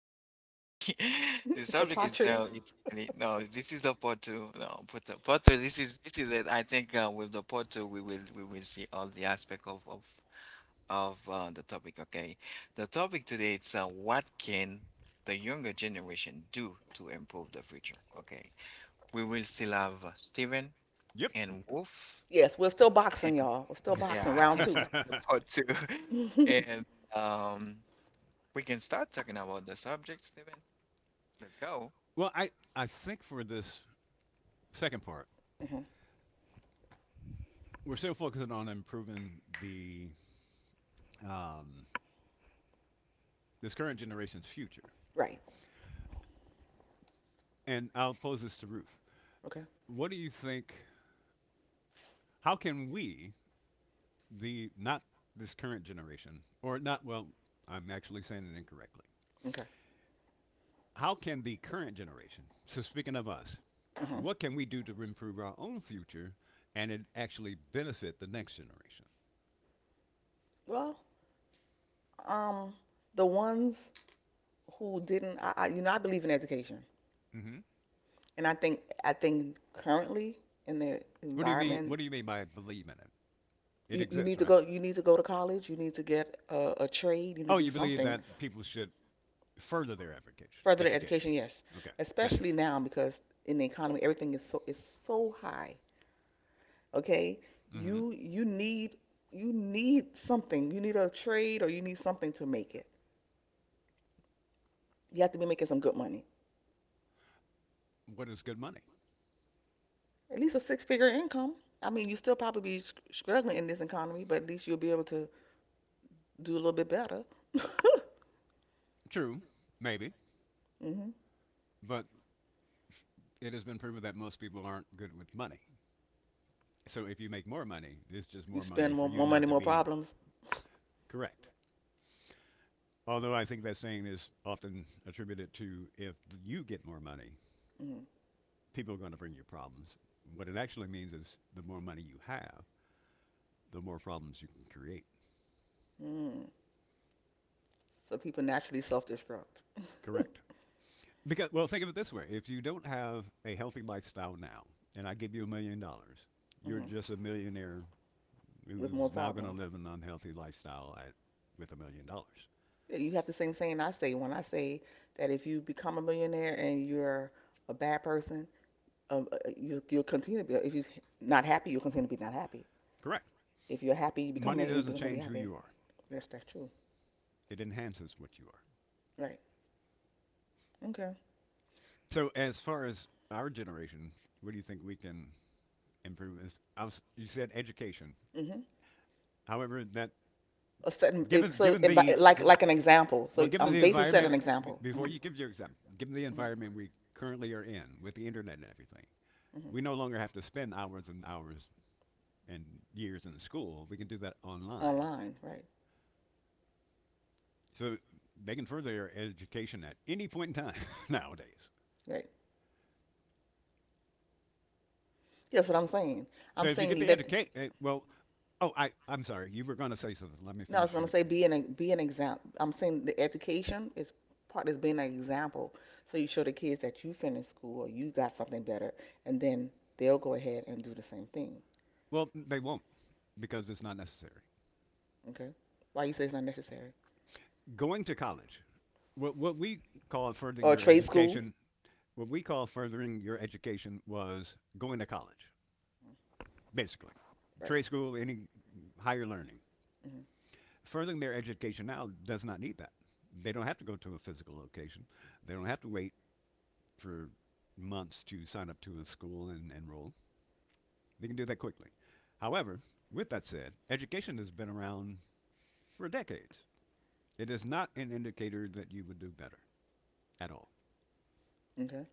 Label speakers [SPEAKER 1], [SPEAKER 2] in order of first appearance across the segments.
[SPEAKER 1] two. I'm sorry. The
[SPEAKER 2] It's a
[SPEAKER 1] subject
[SPEAKER 2] pottery.
[SPEAKER 1] itself, it's no. This is the part two. No, part two. Part two. This is it. I think with the part two, we will see all the aspect of the topic. Okay, the topic today, it's what can the younger generation do to improve the future. Okay, we will still have Stephen
[SPEAKER 3] Yep.
[SPEAKER 1] and Wolf.
[SPEAKER 2] Yes, we're still boxing, y'all. We're still boxing
[SPEAKER 1] Yeah,
[SPEAKER 2] round 2.
[SPEAKER 1] it's the part two.
[SPEAKER 2] Hmm.
[SPEAKER 1] And um, we can start talking about the subject, Steven. Let's go.
[SPEAKER 3] Well, I think for this second part, we're still focusing on improving the um, this current generation's future.
[SPEAKER 2] Right.
[SPEAKER 3] And I'll pose this to Ruth.
[SPEAKER 2] Okay.
[SPEAKER 3] What do you think? How can we, the not this current generation, or not, well, I'm actually saying it incorrectly.
[SPEAKER 2] Okay.
[SPEAKER 3] How can the current generation, so speaking of us,
[SPEAKER 2] Hmm.
[SPEAKER 3] what can we do to improve our own future and it actually benefit the next generation?
[SPEAKER 2] Well, um, the ones who didn't, I believe in education.
[SPEAKER 3] Mm-hmm.
[SPEAKER 2] And I think, currently in the
[SPEAKER 3] What do you mean?
[SPEAKER 2] environment,
[SPEAKER 3] What do you mean by believing in it? It
[SPEAKER 2] you
[SPEAKER 3] exists,
[SPEAKER 2] need to
[SPEAKER 3] right?
[SPEAKER 2] go, you need to go to college, you need to get a trade, you
[SPEAKER 3] Oh,
[SPEAKER 2] need to do
[SPEAKER 3] you believe
[SPEAKER 2] something
[SPEAKER 3] that people should further their education.
[SPEAKER 2] further than
[SPEAKER 3] Education.
[SPEAKER 2] education. Yes,
[SPEAKER 3] Okay, gotcha.
[SPEAKER 2] especially now because in the economy, everything is so high. Okay,
[SPEAKER 3] hmm
[SPEAKER 2] you you need you need something, you need a trade, or you need something to make it. You have to be making some good money,
[SPEAKER 3] What is good money?
[SPEAKER 2] at least a six figure income. I mean, you still probably be struggling in this economy, but at least you'll be able to do a little bit better.
[SPEAKER 3] True, maybe,
[SPEAKER 2] Hmm.
[SPEAKER 3] but it has been proven that most people aren't good with money. So if you make more money, it's just
[SPEAKER 2] You
[SPEAKER 3] more
[SPEAKER 2] spend
[SPEAKER 3] money for you
[SPEAKER 2] more
[SPEAKER 3] not
[SPEAKER 2] money,
[SPEAKER 3] to
[SPEAKER 2] more
[SPEAKER 3] be
[SPEAKER 2] problems.
[SPEAKER 3] correct. Although I think that saying is often attributed to if you get more money,
[SPEAKER 2] Mm.
[SPEAKER 3] people are going to bring you problems. What it actually means is the more money you have, the more problems you can create.
[SPEAKER 2] Mm. So people naturally self-destruct.
[SPEAKER 3] Correct. Because, well, think of it this way: if you don't have a healthy lifestyle now, and I give you $1 million, you're
[SPEAKER 2] Hmm.
[SPEAKER 3] just a millionaire
[SPEAKER 2] With
[SPEAKER 3] who's
[SPEAKER 2] more
[SPEAKER 3] now going to
[SPEAKER 2] problems.
[SPEAKER 3] live an unhealthy lifestyle at, with $1 million.
[SPEAKER 2] Yeah, you have the same saying I say when I say that if you become a millionaire and you're a bad person, you'll continue to be. If you're not happy, you'll continue to be not happy.
[SPEAKER 3] Correct.
[SPEAKER 2] If you're happy, you
[SPEAKER 3] Money doesn't
[SPEAKER 2] begin to be
[SPEAKER 3] change who
[SPEAKER 2] happy.
[SPEAKER 3] you are;
[SPEAKER 2] Yes, that's true.
[SPEAKER 3] it enhances what you are.
[SPEAKER 2] Right. Okay.
[SPEAKER 3] So, as far as our generation, what do you think we can improve? You said education.
[SPEAKER 2] Hmm.
[SPEAKER 3] However, that
[SPEAKER 2] A certain,
[SPEAKER 3] given
[SPEAKER 2] if, so,
[SPEAKER 3] given
[SPEAKER 2] and
[SPEAKER 3] the given
[SPEAKER 2] like an example.
[SPEAKER 3] well,
[SPEAKER 2] So
[SPEAKER 3] given
[SPEAKER 2] I'm
[SPEAKER 3] the
[SPEAKER 2] basically set
[SPEAKER 3] environment
[SPEAKER 2] an example. Hmm.
[SPEAKER 3] before you give your example, given the
[SPEAKER 2] Hmm.
[SPEAKER 3] environment we currently are in with the internet and everything,
[SPEAKER 2] Hmm.
[SPEAKER 3] we no longer have to spend hours and hours and years in school. We can do that online.
[SPEAKER 2] Online, right.
[SPEAKER 3] So they can further their education at any point in time nowadays.
[SPEAKER 2] Right. That's what I'm saying.
[SPEAKER 3] So
[SPEAKER 2] I'm
[SPEAKER 3] if you get
[SPEAKER 2] saying
[SPEAKER 3] the
[SPEAKER 2] that,
[SPEAKER 3] education, well, oh, I'm sorry, you were going to say something. Let me
[SPEAKER 2] no, I was
[SPEAKER 3] finish
[SPEAKER 2] gonna
[SPEAKER 3] you.
[SPEAKER 2] say be be an example. I'm saying the education is part is being an example. So you show the kids that you finished school or you got something better, and then they'll go ahead and do the same thing.
[SPEAKER 3] Well, they won't because it's not necessary.
[SPEAKER 2] Okay. Why you say it's not necessary?
[SPEAKER 3] Going to college, what we call furthering
[SPEAKER 2] Or
[SPEAKER 3] your
[SPEAKER 2] trade school?
[SPEAKER 3] education, what we call furthering your education was going to college, basically.
[SPEAKER 2] Right.
[SPEAKER 3] Trade school, any higher learning.
[SPEAKER 2] Hmm.
[SPEAKER 3] Furthering their education now does not need that. They don't have to go to a physical location. They don't have to wait for months to sign up to a school and enroll. They can do that quickly. However, with that said, education has been around for decades. It is not an indicator that you would do better at all.
[SPEAKER 2] Okay.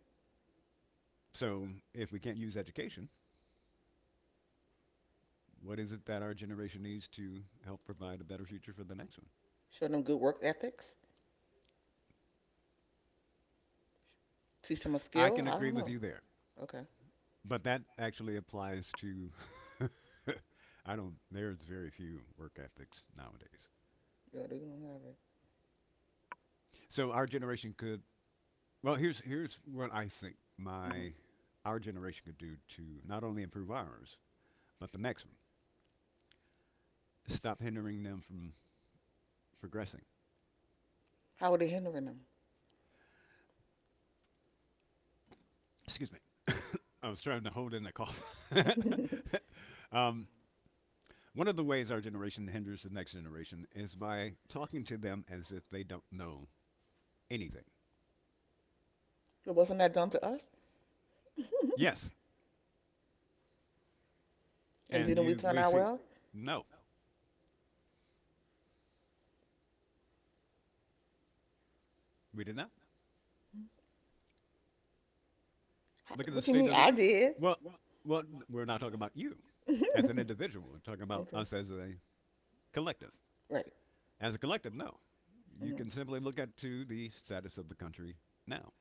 [SPEAKER 3] So, if we can't use education, what is it that our generation needs to help provide a better future for the next one?
[SPEAKER 2] Show them good work ethics. Teach them a
[SPEAKER 3] I
[SPEAKER 2] skill.
[SPEAKER 3] can
[SPEAKER 2] I
[SPEAKER 3] agree
[SPEAKER 2] don't
[SPEAKER 3] with
[SPEAKER 2] know.
[SPEAKER 3] you there.
[SPEAKER 2] Okay.
[SPEAKER 3] But that actually applies to. I don't. There's very few work ethics nowadays.
[SPEAKER 2] Yeah, they don't have it.
[SPEAKER 3] So our generation could. Well, here's what I think
[SPEAKER 2] Hmm.
[SPEAKER 3] my our generation could do to not only improve ours but the next one. Stop hindering them from progressing.
[SPEAKER 2] How are they hindering them?
[SPEAKER 3] Excuse me. I was trying to hold in the cough. um, One of the ways our generation hinders the next generation is by talking to them as if they don't know anything.
[SPEAKER 2] But wasn't that done to us?
[SPEAKER 3] Yes,
[SPEAKER 2] And
[SPEAKER 3] and
[SPEAKER 2] didn't we
[SPEAKER 3] you,
[SPEAKER 2] turn
[SPEAKER 3] we
[SPEAKER 2] out
[SPEAKER 3] see,
[SPEAKER 2] well?
[SPEAKER 3] no, we did not. Look at the
[SPEAKER 2] What you
[SPEAKER 3] state
[SPEAKER 2] mean?
[SPEAKER 3] of the.
[SPEAKER 2] I did.
[SPEAKER 3] Well, well, we're not talking about you
[SPEAKER 2] Okay.
[SPEAKER 3] as an individual. We're talking about us as a collective.
[SPEAKER 2] Right.
[SPEAKER 3] As a collective, no. You
[SPEAKER 2] Hmm.
[SPEAKER 3] can simply look at to the status of the country now,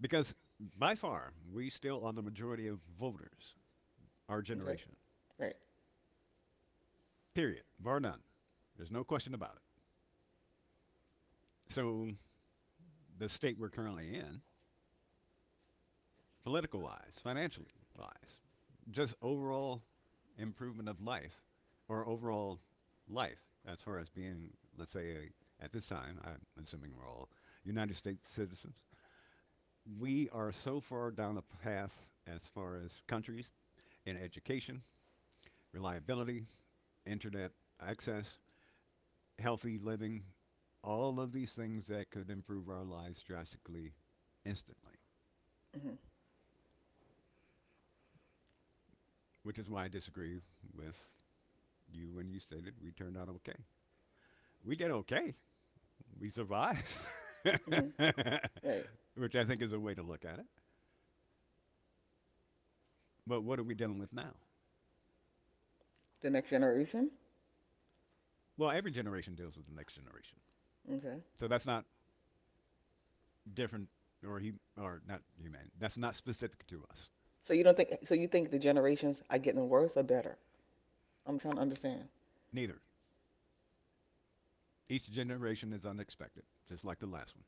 [SPEAKER 3] because by far we still are the majority of voters, our
[SPEAKER 2] Okay.
[SPEAKER 3] generation.
[SPEAKER 2] Right.
[SPEAKER 3] Period. Bar none. There's no question about it. So the state we're currently in political wise, financially wise, just overall improvement of life or overall life as far as being, let's say, a, at this time, I'm assuming we're all United States citizens. We are so far down the path as far as countries in education, reliability, internet access, healthy living, all of these things that could improve our lives drastically instantly,
[SPEAKER 2] Hmm.
[SPEAKER 3] which is why I disagree with you, and you stated we turned out okay. We did okay. We survived,
[SPEAKER 2] Hmm. Right.
[SPEAKER 3] which I think is a way to look at it. But what are we dealing with now?
[SPEAKER 2] The next generation.
[SPEAKER 3] Well, every generation deals with the next generation.
[SPEAKER 2] Okay.
[SPEAKER 3] So that's not different or he or not human. That's not specific to us.
[SPEAKER 2] So you don't think? So you think the generations are getting worse or better? I'm trying to understand.
[SPEAKER 3] Neither. Each generation is unexpected, just like the last one.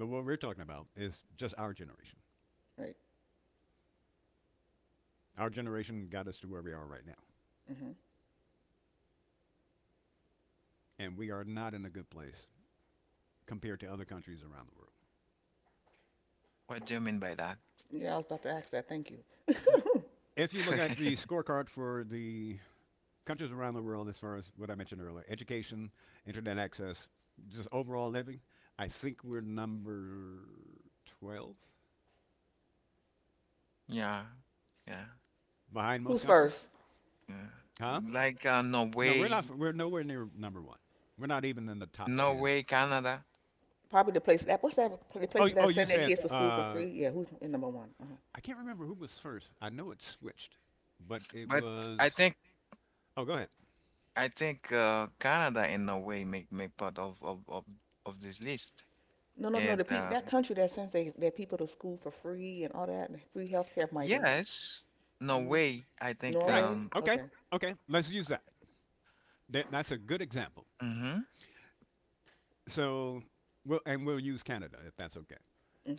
[SPEAKER 3] But what we're talking about is just our generation.
[SPEAKER 2] Right.
[SPEAKER 3] Our generation got us to where we are right now,
[SPEAKER 2] Mm-hmm.
[SPEAKER 3] and we are not in a good place compared to other countries around the world.
[SPEAKER 1] What do you mean by that?
[SPEAKER 2] Yeah, I was about to ask that. Thank you. Hmm.
[SPEAKER 3] If you look at the scorecard for the countries around the world, as far as what I mentioned earlier, education, internet access, just overall living, I think we're number 12
[SPEAKER 1] Yeah, yeah,
[SPEAKER 3] behind most
[SPEAKER 2] Who's
[SPEAKER 3] countries.
[SPEAKER 2] first?
[SPEAKER 1] yeah.
[SPEAKER 3] Huh?
[SPEAKER 1] Like
[SPEAKER 3] No, we're not.
[SPEAKER 1] Norway,
[SPEAKER 3] We're nowhere near number one. We're not even in the top 10.
[SPEAKER 1] Canada.
[SPEAKER 2] Probably the place that what's that the
[SPEAKER 3] Oh,
[SPEAKER 2] places
[SPEAKER 3] oh,
[SPEAKER 2] that
[SPEAKER 3] you
[SPEAKER 2] send their
[SPEAKER 3] said,
[SPEAKER 2] kids to school for free? Yeah, who's in number one? Uh-huh.
[SPEAKER 3] I can't remember who was first. I know it switched, but it
[SPEAKER 1] But I
[SPEAKER 3] was,
[SPEAKER 1] think
[SPEAKER 3] oh, go ahead.
[SPEAKER 1] I think Canada and Norway make part of this list.
[SPEAKER 2] No, no, no. The
[SPEAKER 1] And
[SPEAKER 2] people that country that sends their people to school for free and all that and free healthcare might be.
[SPEAKER 1] yes,
[SPEAKER 2] Hmm.
[SPEAKER 3] Well,
[SPEAKER 1] Norway. I think
[SPEAKER 3] right.
[SPEAKER 2] Norway.
[SPEAKER 1] um.
[SPEAKER 3] Okay.
[SPEAKER 2] Okay.
[SPEAKER 3] Okay. Let's use that. That. That's a good example. So, we'll, and we'll use Canada if that's okay.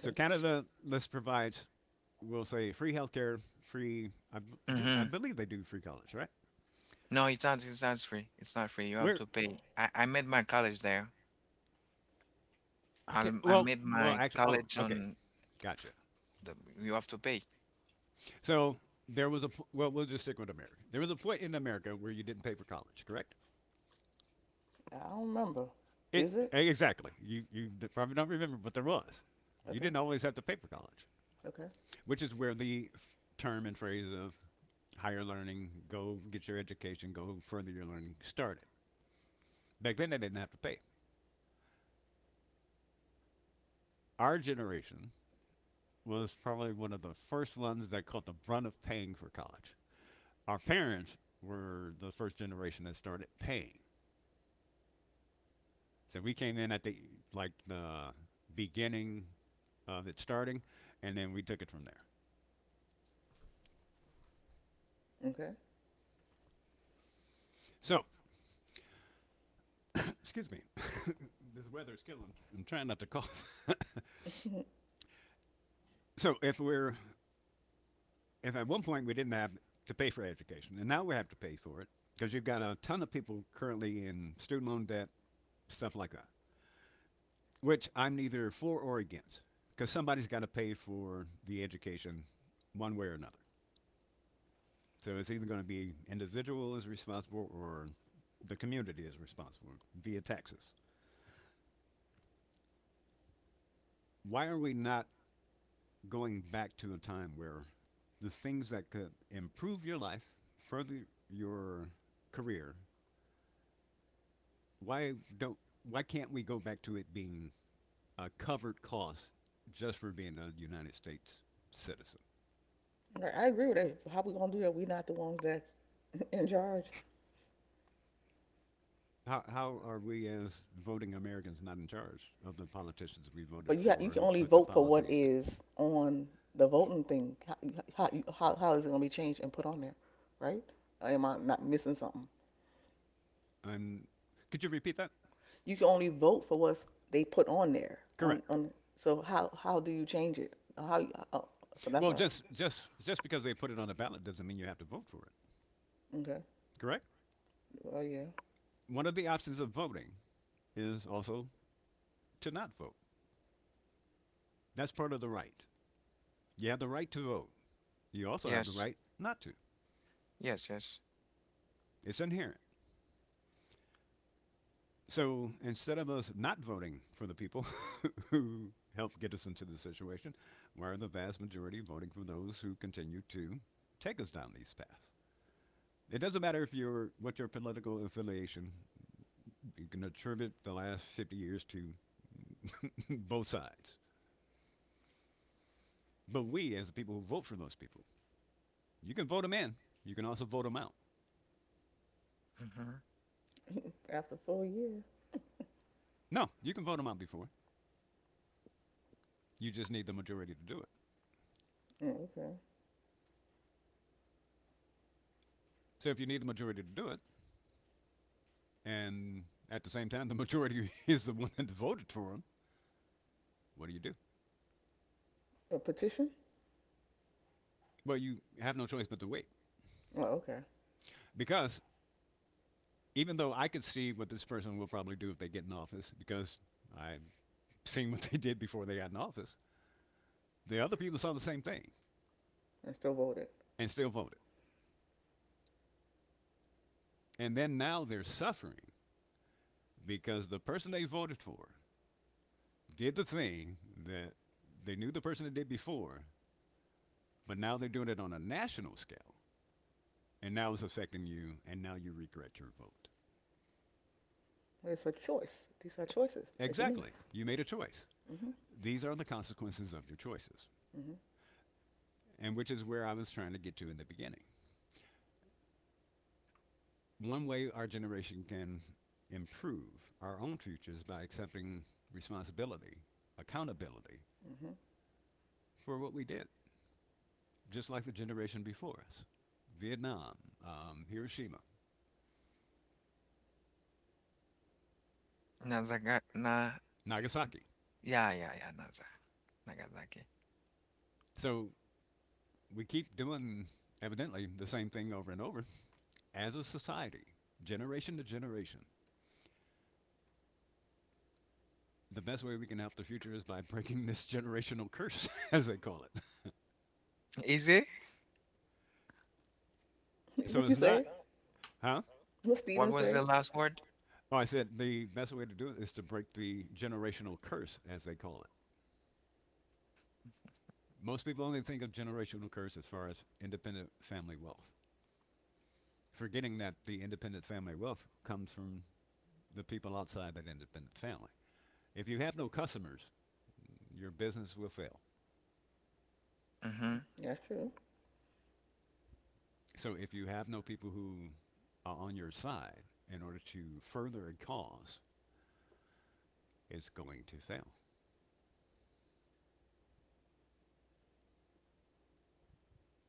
[SPEAKER 3] So Canada, let's provides, we'll say, free healthcare, free I do, I believe they do free college, right?
[SPEAKER 1] No, it's not. It's not free. It's not free. You have
[SPEAKER 3] Where
[SPEAKER 1] to pay. I made my college there.
[SPEAKER 3] okay,
[SPEAKER 1] I
[SPEAKER 3] well,
[SPEAKER 1] made
[SPEAKER 3] well
[SPEAKER 1] my
[SPEAKER 3] actually, oh,
[SPEAKER 1] college
[SPEAKER 3] okay,
[SPEAKER 1] on.
[SPEAKER 3] gotcha.
[SPEAKER 1] The, you have to pay.
[SPEAKER 3] So there was a well, we'll just stick with America. There was a point in America where you didn't pay for college, correct?
[SPEAKER 2] I don't remember.
[SPEAKER 3] It
[SPEAKER 2] Is it?
[SPEAKER 3] exactly. You probably don't remember, but there was. You
[SPEAKER 2] Okay.
[SPEAKER 3] didn't always have to pay for college,
[SPEAKER 2] Okay.
[SPEAKER 3] which is where the term and phrase of higher learning, go get your education, go further your learning started. Back then, they didn't have to pay. Our generation was probably one of the first ones that caught the brunt of paying for college. Our parents were the first generation that started paying. So we came in at the like the beginning of it starting, and then we took it from there.
[SPEAKER 2] Okay.
[SPEAKER 3] So, excuse me, this weather is killing me. I'm trying not to cough. So if we're if at one point we didn't have to pay for education, and now we have to pay for it because you've got a ton of people currently in student loan debt, stuff like that. Which I'm neither for or against because somebody's got to pay for the education one way or another. So it's either going to be individual is responsible or the community is responsible via taxes. Why are we not going back to a time where the things that could improve your life, further your career, why don't why can't we go back to it being a covered cost just for being a United States citizen?
[SPEAKER 2] Okay, I agree with that. How we gonna do that? We not the ones that's in charge.
[SPEAKER 3] How are we as voting Americans not in charge of the politicians we
[SPEAKER 2] But
[SPEAKER 3] voted
[SPEAKER 2] you
[SPEAKER 3] for
[SPEAKER 2] can
[SPEAKER 3] who
[SPEAKER 2] only
[SPEAKER 3] put the
[SPEAKER 2] vote for what
[SPEAKER 3] policies in?
[SPEAKER 2] is on the voting thing. How, how is it going to be changed and put on there, right? Or am I not missing something?
[SPEAKER 3] I'm, could you repeat that?
[SPEAKER 2] You can only vote for what they put on there. On
[SPEAKER 3] Correct.
[SPEAKER 2] on. So how do you change it? How Oh, so that's
[SPEAKER 3] Well,
[SPEAKER 2] why.
[SPEAKER 3] just because they put it on the ballot doesn't mean you have to vote for it.
[SPEAKER 2] Okay.
[SPEAKER 3] Correct?
[SPEAKER 2] Oh yeah.
[SPEAKER 3] One of the options of voting is also to not vote. That's part of the right. You have the right to vote. You also have the
[SPEAKER 1] Yes.
[SPEAKER 3] right not to.
[SPEAKER 1] Yes. Yes.
[SPEAKER 3] It's inherent. So instead of us not voting for the people who helped get us into this situation, we're the vast majority voting for those who continue to take us down these paths. It doesn't matter if you're what your political affiliation. You can attribute the last 50 years to both sides. But we, as the people who vote for those people, you can vote them in. You can also vote them out.
[SPEAKER 1] Mm-hmm.
[SPEAKER 2] After 4 years.
[SPEAKER 3] No, you can vote them out before. You just need the majority to do it.
[SPEAKER 2] Oh, okay.
[SPEAKER 3] So if you need the majority to do it, and at the same time, the majority is the one that voted for him. What do you do?
[SPEAKER 2] A petition.
[SPEAKER 3] Well, you have no choice but to wait.
[SPEAKER 2] Oh, okay.
[SPEAKER 3] Because even though I could see what this person will probably do if they get in office, because I've seen what they did before they got in office, the other people saw the same thing
[SPEAKER 2] And still voted.
[SPEAKER 3] and still voted. And then now they're suffering because the person they voted for did the thing that they knew the person that did before, but now they're doing it on a national scale. And now it's affecting you, and now you regret your vote.
[SPEAKER 2] It's a choice. These are choices that you make.
[SPEAKER 3] Exactly. You made a choice.
[SPEAKER 2] Mhm.
[SPEAKER 3] These are the consequences of your choices, and which is where I was trying to get to in the beginning. One way our generation can improve our own futures by accepting responsibility, accountability
[SPEAKER 2] Mhm.
[SPEAKER 3] for what we did, just like the generation before us. Vietnam, Hiroshima,
[SPEAKER 1] Nazaga na.
[SPEAKER 3] Nagasaki.
[SPEAKER 1] Yeah. Yeah. Yeah. Naza. Nagasaki.
[SPEAKER 3] So we keep doing evidently the same thing over and over as a society, generation to generation. The best way we can help the future is by breaking this generational curse, as they call it.
[SPEAKER 1] Is it?
[SPEAKER 2] Mhm.
[SPEAKER 3] So
[SPEAKER 2] What you
[SPEAKER 3] it's
[SPEAKER 2] say?
[SPEAKER 3] not Huh?
[SPEAKER 2] What Steven
[SPEAKER 1] What was
[SPEAKER 2] say?
[SPEAKER 1] the last word?
[SPEAKER 3] Oh, I said the best way to do it is to break the generational curse, as they call it. Most people only think of generational curse as far as independent family wealth, forgetting that the independent family wealth comes from the people outside that independent family. If you have no customers, your business will fail.
[SPEAKER 1] Mm-hmm.
[SPEAKER 2] That's true.
[SPEAKER 3] So if you have no people who are on your side in order to further a cause, it's going to fail.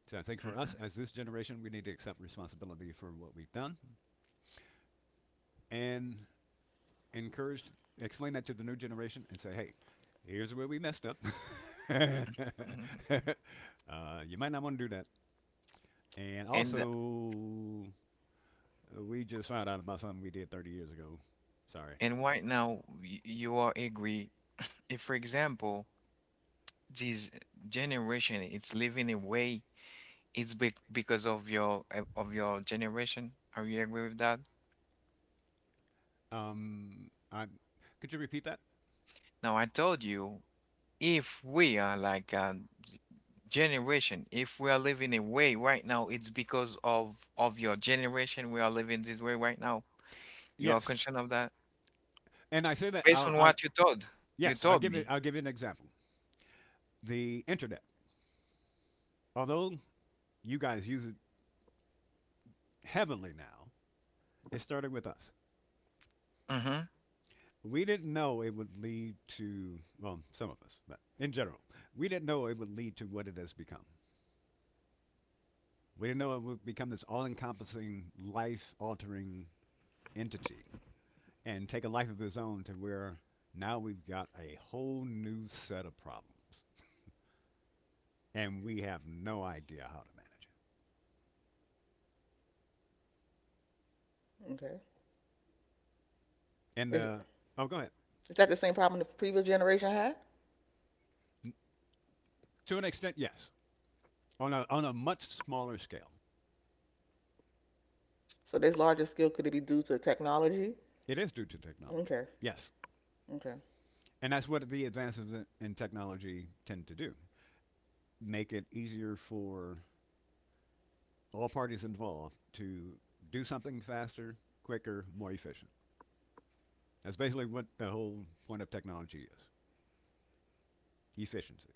[SPEAKER 3] So I think for
[SPEAKER 1] Mm-hmm.
[SPEAKER 3] us as this generation, we need to accept responsibility for what we've done and encourage, explain that to the new generation, and say, hey, here's where we messed up. uh,
[SPEAKER 1] Mm-hmm.
[SPEAKER 3] you might not want to do that. And
[SPEAKER 1] And
[SPEAKER 3] also, we just found out about something we did 30 years ago. Sorry.
[SPEAKER 1] right now you are agree. If, for example, this generation is living away, it's because of your generation. Are you agree with that?
[SPEAKER 3] I could you repeat that?
[SPEAKER 1] Now I told you, if we are like a g- generation, if we are living a way right now, it's because of your generation. We are living this way right now. You are
[SPEAKER 3] Yes.
[SPEAKER 1] concerned of that
[SPEAKER 3] And I say that
[SPEAKER 1] based
[SPEAKER 3] I'll,
[SPEAKER 1] on
[SPEAKER 3] I'll
[SPEAKER 1] what you
[SPEAKER 3] yes, I'll
[SPEAKER 1] told
[SPEAKER 3] give it.
[SPEAKER 1] me.
[SPEAKER 3] I'll give you an example. The internet, although you guys use it heavily now, it started with us.
[SPEAKER 1] Mm-hmm.
[SPEAKER 3] We didn't know it would lead to, well, some of us, but in general, we didn't know it would lead to what it has become. We didn't know it would become this all-encompassing, life altering entity and take a life of its own to where now we've got a whole new set of problems, and we have no idea how to manage it.
[SPEAKER 2] Okay.
[SPEAKER 3] And
[SPEAKER 2] Is,
[SPEAKER 3] the— oh, go ahead.
[SPEAKER 2] is that the same problem the previous generation had?
[SPEAKER 3] To an extent, yes. On a much smaller scale.
[SPEAKER 2] So this larger scale could it be due to technology?
[SPEAKER 3] It is due to technology,
[SPEAKER 2] Okay,
[SPEAKER 3] yes.
[SPEAKER 2] okay.
[SPEAKER 3] And that's what the advances in- technology tend to do: make it easier for all parties involved to do something faster, quicker, more efficient. That's basically what the whole point of technology is: efficiency.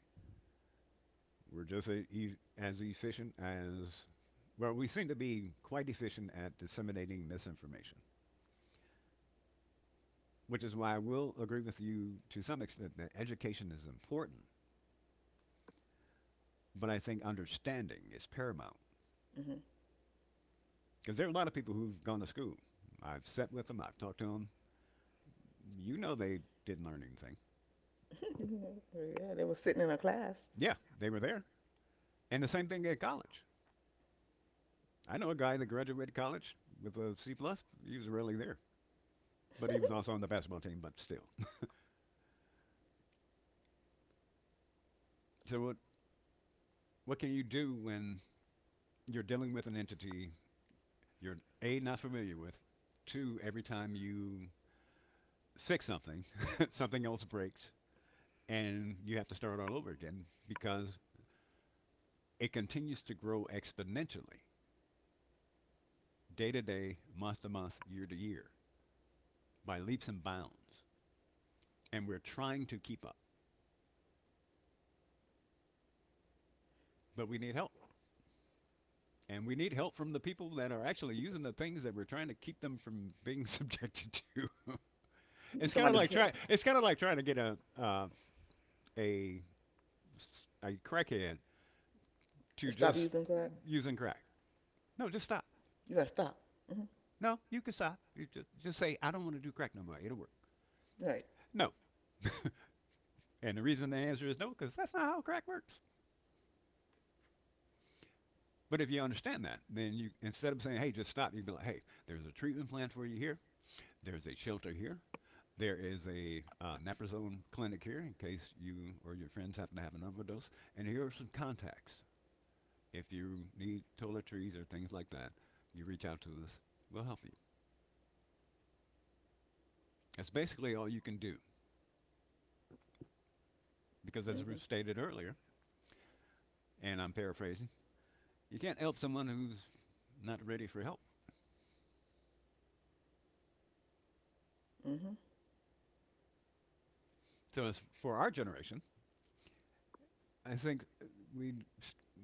[SPEAKER 3] We're just a, e- As efficient as, well, we seem to be quite efficient at disseminating misinformation, which is why I will agree with you to some extent that education is important, but I think understanding is paramount.
[SPEAKER 2] Hmm.
[SPEAKER 3] Because there are a lot of people who've gone to school. I've sat with them, I've talked to them. You know, they didn't learn anything.
[SPEAKER 2] Yeah, they were sitting in a class.
[SPEAKER 3] Yeah, they were there. And the same thing at college. I know a guy that graduated college with a C plus. He was rarely there, but he was also on the basketball team. But still, so what? What can you do when you're dealing with an entity you're a not familiar with? Two, every time you fix something, something else breaks, and you have to start all over again because it continues to grow exponentially, day to day, month to month, year to year, by leaps and bounds. And we're trying to keep up, but we need help. And we need help from the people that are actually using the things that we're trying to keep them from being subjected to.
[SPEAKER 1] Hmm.
[SPEAKER 2] Somebody cared.
[SPEAKER 3] It's kind of like trying to get a a a crackhead
[SPEAKER 2] To
[SPEAKER 3] to
[SPEAKER 2] stop
[SPEAKER 3] just
[SPEAKER 2] using crack,
[SPEAKER 3] using crack. No, just stop.
[SPEAKER 2] you gotta stop. Hmm.
[SPEAKER 3] No, you can stop. You just say I don't want to do crack no more. It'll work.
[SPEAKER 2] Right.
[SPEAKER 3] No, and the reason the answer is no, because that's not how crack works. But if you understand that, then you, instead of saying, "Hey, just stop," you can be like, "Hey, there's a treatment plan for you here. There's a shelter here. There is a naprazone clinic here in case you or your friends happen to have an overdose. And here are some contacts. If you need toiletries or things like that, you reach out to us. We'll help you. That's basically all you can do because, as we
[SPEAKER 2] Hmm.
[SPEAKER 3] stated earlier, and I'm paraphrasing, you can't help someone who's not ready for help.
[SPEAKER 2] Hmm.
[SPEAKER 3] So, as for our generation, I think we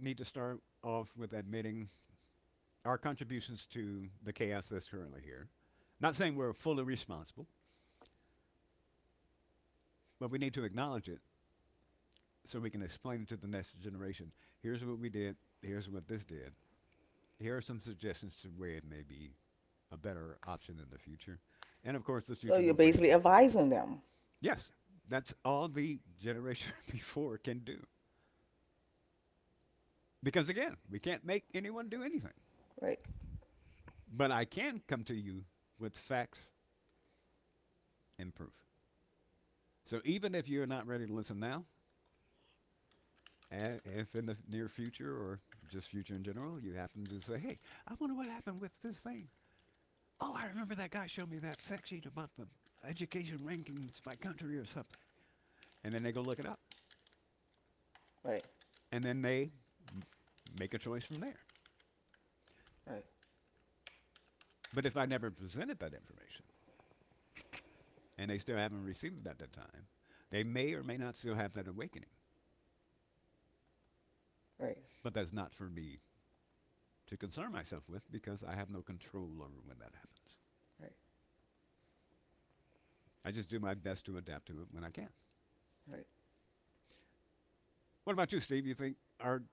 [SPEAKER 3] need to start off with admitting our contributions to the chaos that's currently here. Not saying we're fully responsible, but we need to acknowledge it so we can explain it to the next generation. Here's what we did. Here's what this did. Here are some suggestions to where it may be a better option in the future. And of course, the
[SPEAKER 2] So
[SPEAKER 3] future
[SPEAKER 2] you're
[SPEAKER 3] will bring
[SPEAKER 2] basically
[SPEAKER 3] different things.
[SPEAKER 2] advising them.
[SPEAKER 3] Yes, that's all the generation before can do. Because again, we can't make anyone do anything.
[SPEAKER 2] Right.
[SPEAKER 3] But I can come to you with facts and proof. So even if you're not ready to listen now, and if in the near future, or just future in general, you happen to say, hey, I wonder what happened with this thing. Oh, I remember that guy showed me that fact sheet about the education rankings by country or something. And then they go look it up.
[SPEAKER 2] Right.
[SPEAKER 3] And then they m- make a choice from there.
[SPEAKER 2] Right.
[SPEAKER 3] But if I never presented that information and they still haven't received it at that time, they may or may not still have that awakening.
[SPEAKER 2] Right.
[SPEAKER 3] But that's not for me to concern myself with because I have no control over when that happens.
[SPEAKER 2] Right.
[SPEAKER 3] I just do my best to adapt to it when I can.
[SPEAKER 2] Right.
[SPEAKER 3] What about you, Steve? You think are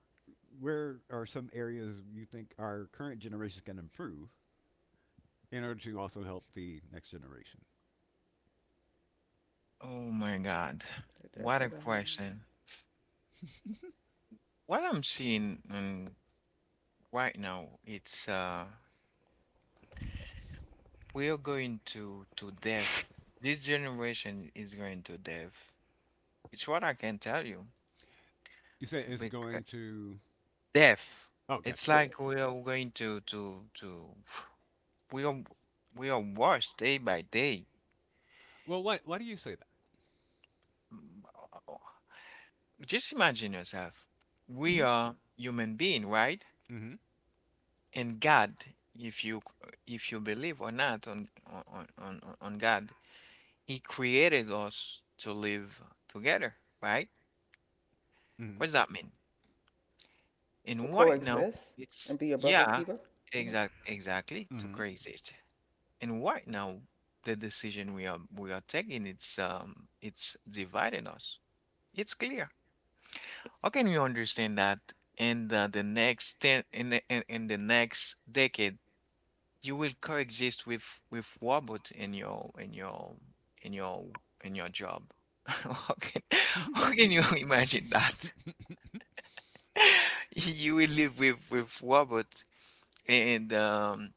[SPEAKER 3] where are some areas you think our current generations can improve in order to also help the next generation?
[SPEAKER 1] Oh my God,
[SPEAKER 2] They
[SPEAKER 1] what a
[SPEAKER 2] definitely got
[SPEAKER 1] question! What I'm seeing right now, it's. We are going to death. This generation is going to death. It's what I can tell you.
[SPEAKER 3] You say it's
[SPEAKER 1] Bec
[SPEAKER 3] going to.
[SPEAKER 1] death.
[SPEAKER 3] Oh,
[SPEAKER 1] It's
[SPEAKER 3] gotcha.
[SPEAKER 2] to,
[SPEAKER 1] like we are going to. We are we are worse day by day.
[SPEAKER 3] Well, why do you say that?
[SPEAKER 1] Mm, uh, Just imagine yourself. We
[SPEAKER 3] Mm-hmm.
[SPEAKER 1] are human being, right?
[SPEAKER 3] Mm-hmm.
[SPEAKER 1] And God, if you, believe or not on God, He created us to live together, right? What does that mean?
[SPEAKER 2] to
[SPEAKER 1] And right now,
[SPEAKER 2] coexist and
[SPEAKER 1] it's,
[SPEAKER 2] be your brother's
[SPEAKER 1] yeah,
[SPEAKER 2] keeper. Hmm.
[SPEAKER 1] exactly to
[SPEAKER 3] Mm-hmm.
[SPEAKER 1] craze it. And right now, the decision we are taking, it's dividing us. It's clear. How can we understand that in the next ten in the next decade, you will coexist with robot in your in your job? How can
[SPEAKER 3] Mm-hmm.
[SPEAKER 1] you imagine that? You will live with robot, and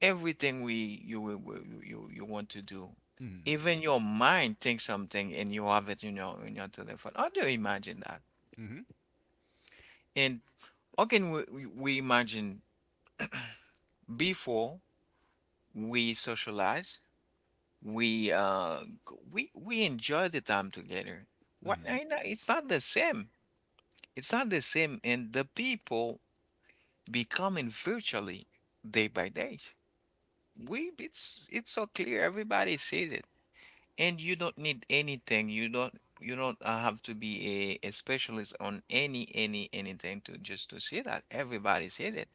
[SPEAKER 1] everything we you will- you want to do.
[SPEAKER 3] Mm-hmm.
[SPEAKER 1] Even your mind thinks something, and you have it in your telephone. How do you imagine that?
[SPEAKER 3] Mm-hmm.
[SPEAKER 1] And how can we imagine, before we socialize, we g- we enjoy the time together. Why,
[SPEAKER 3] Mm-hmm.
[SPEAKER 1] I know it's not the same. It's not the same, and the people becoming virtually day by day. We it's so clear. Everybody sees it. And you don't need anything. You don't have to be a specialist on any anything to just to see that. Everybody sees it.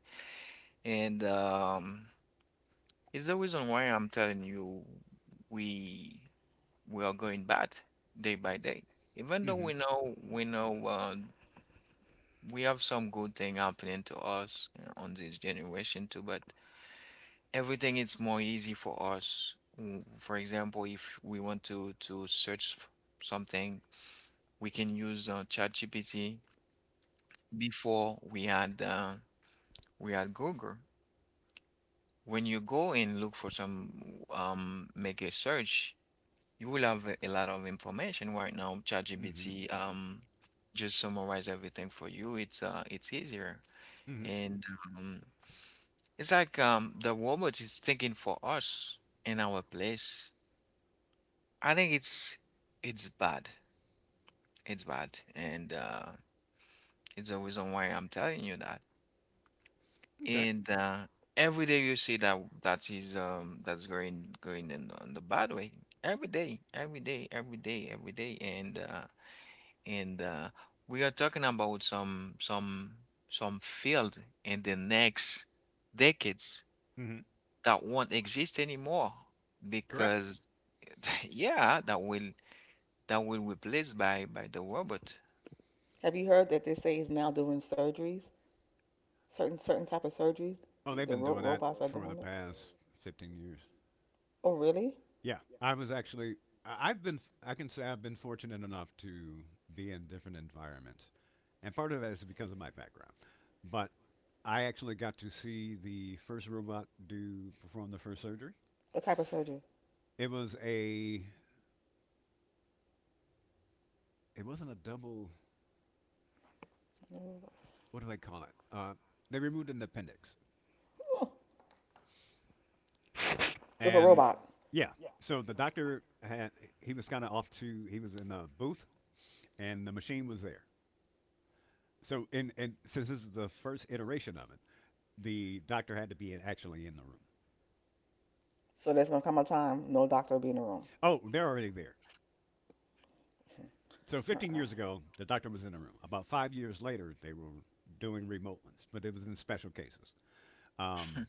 [SPEAKER 1] And it's the reason why I'm telling you we we are going bad day by day. Even though
[SPEAKER 3] Mm-hmm.
[SPEAKER 1] we know we have some good thing happening to us on this generation too, but everything is more easy for us. For example, if we want to search something. We can use ChatGPT. Before we had, Google. When you go and look for some make a search, you will have a lot of information right now.
[SPEAKER 3] Mm-hmm.
[SPEAKER 1] ChatGPT just summarize everything for you. It's easier,
[SPEAKER 3] Mm-hmm.
[SPEAKER 1] and um, it's like, the robot is thinking for us in our place. I think it's bad. It's bad, and it's the reason why I'm telling you that.
[SPEAKER 3] Okay.
[SPEAKER 1] And every day you see that that is that's going in on the bad way. Every day, every day, every day, every day. And and uh we are talking about some field in the next decades
[SPEAKER 3] Mm-hmm.
[SPEAKER 1] that won't exist anymore,
[SPEAKER 3] Correct.
[SPEAKER 1] because yeah, that will, replaced by the robot.
[SPEAKER 2] Have you heard that they say he's now doing surgeries, certain type of surgeries,
[SPEAKER 3] Oh, they've
[SPEAKER 2] the
[SPEAKER 3] been doing that
[SPEAKER 2] robots are
[SPEAKER 3] for the
[SPEAKER 2] doing.
[SPEAKER 3] past 15 years.
[SPEAKER 2] Oh, really?
[SPEAKER 3] Yeah, I was actually. I- I've been. I can say I've been fortunate enough to be in different environments, and part of that is because of my background. But I actually got to see the first robot do perform the first surgery.
[SPEAKER 2] What type of surgery?
[SPEAKER 3] It was a. It wasn't a double.
[SPEAKER 2] Mm.
[SPEAKER 3] What do they call it? They removed an appendix,
[SPEAKER 2] Oh, with a
[SPEAKER 3] and
[SPEAKER 2] robot.
[SPEAKER 3] yeah. So the doctor had. He was kind of off to. He was in a booth, and the machine was there. So in, and since this is the first iteration of it, the doctor had to be actually in the room.
[SPEAKER 2] So there's gonna come a time no doctor will be in the room.
[SPEAKER 3] Oh, they're already there. So
[SPEAKER 2] Mm-hmm.
[SPEAKER 3] 15
[SPEAKER 2] Uh-uh.
[SPEAKER 3] years ago, the doctor was in the room. About 5 years later, they were doing remote ones, but it was in special cases. Um,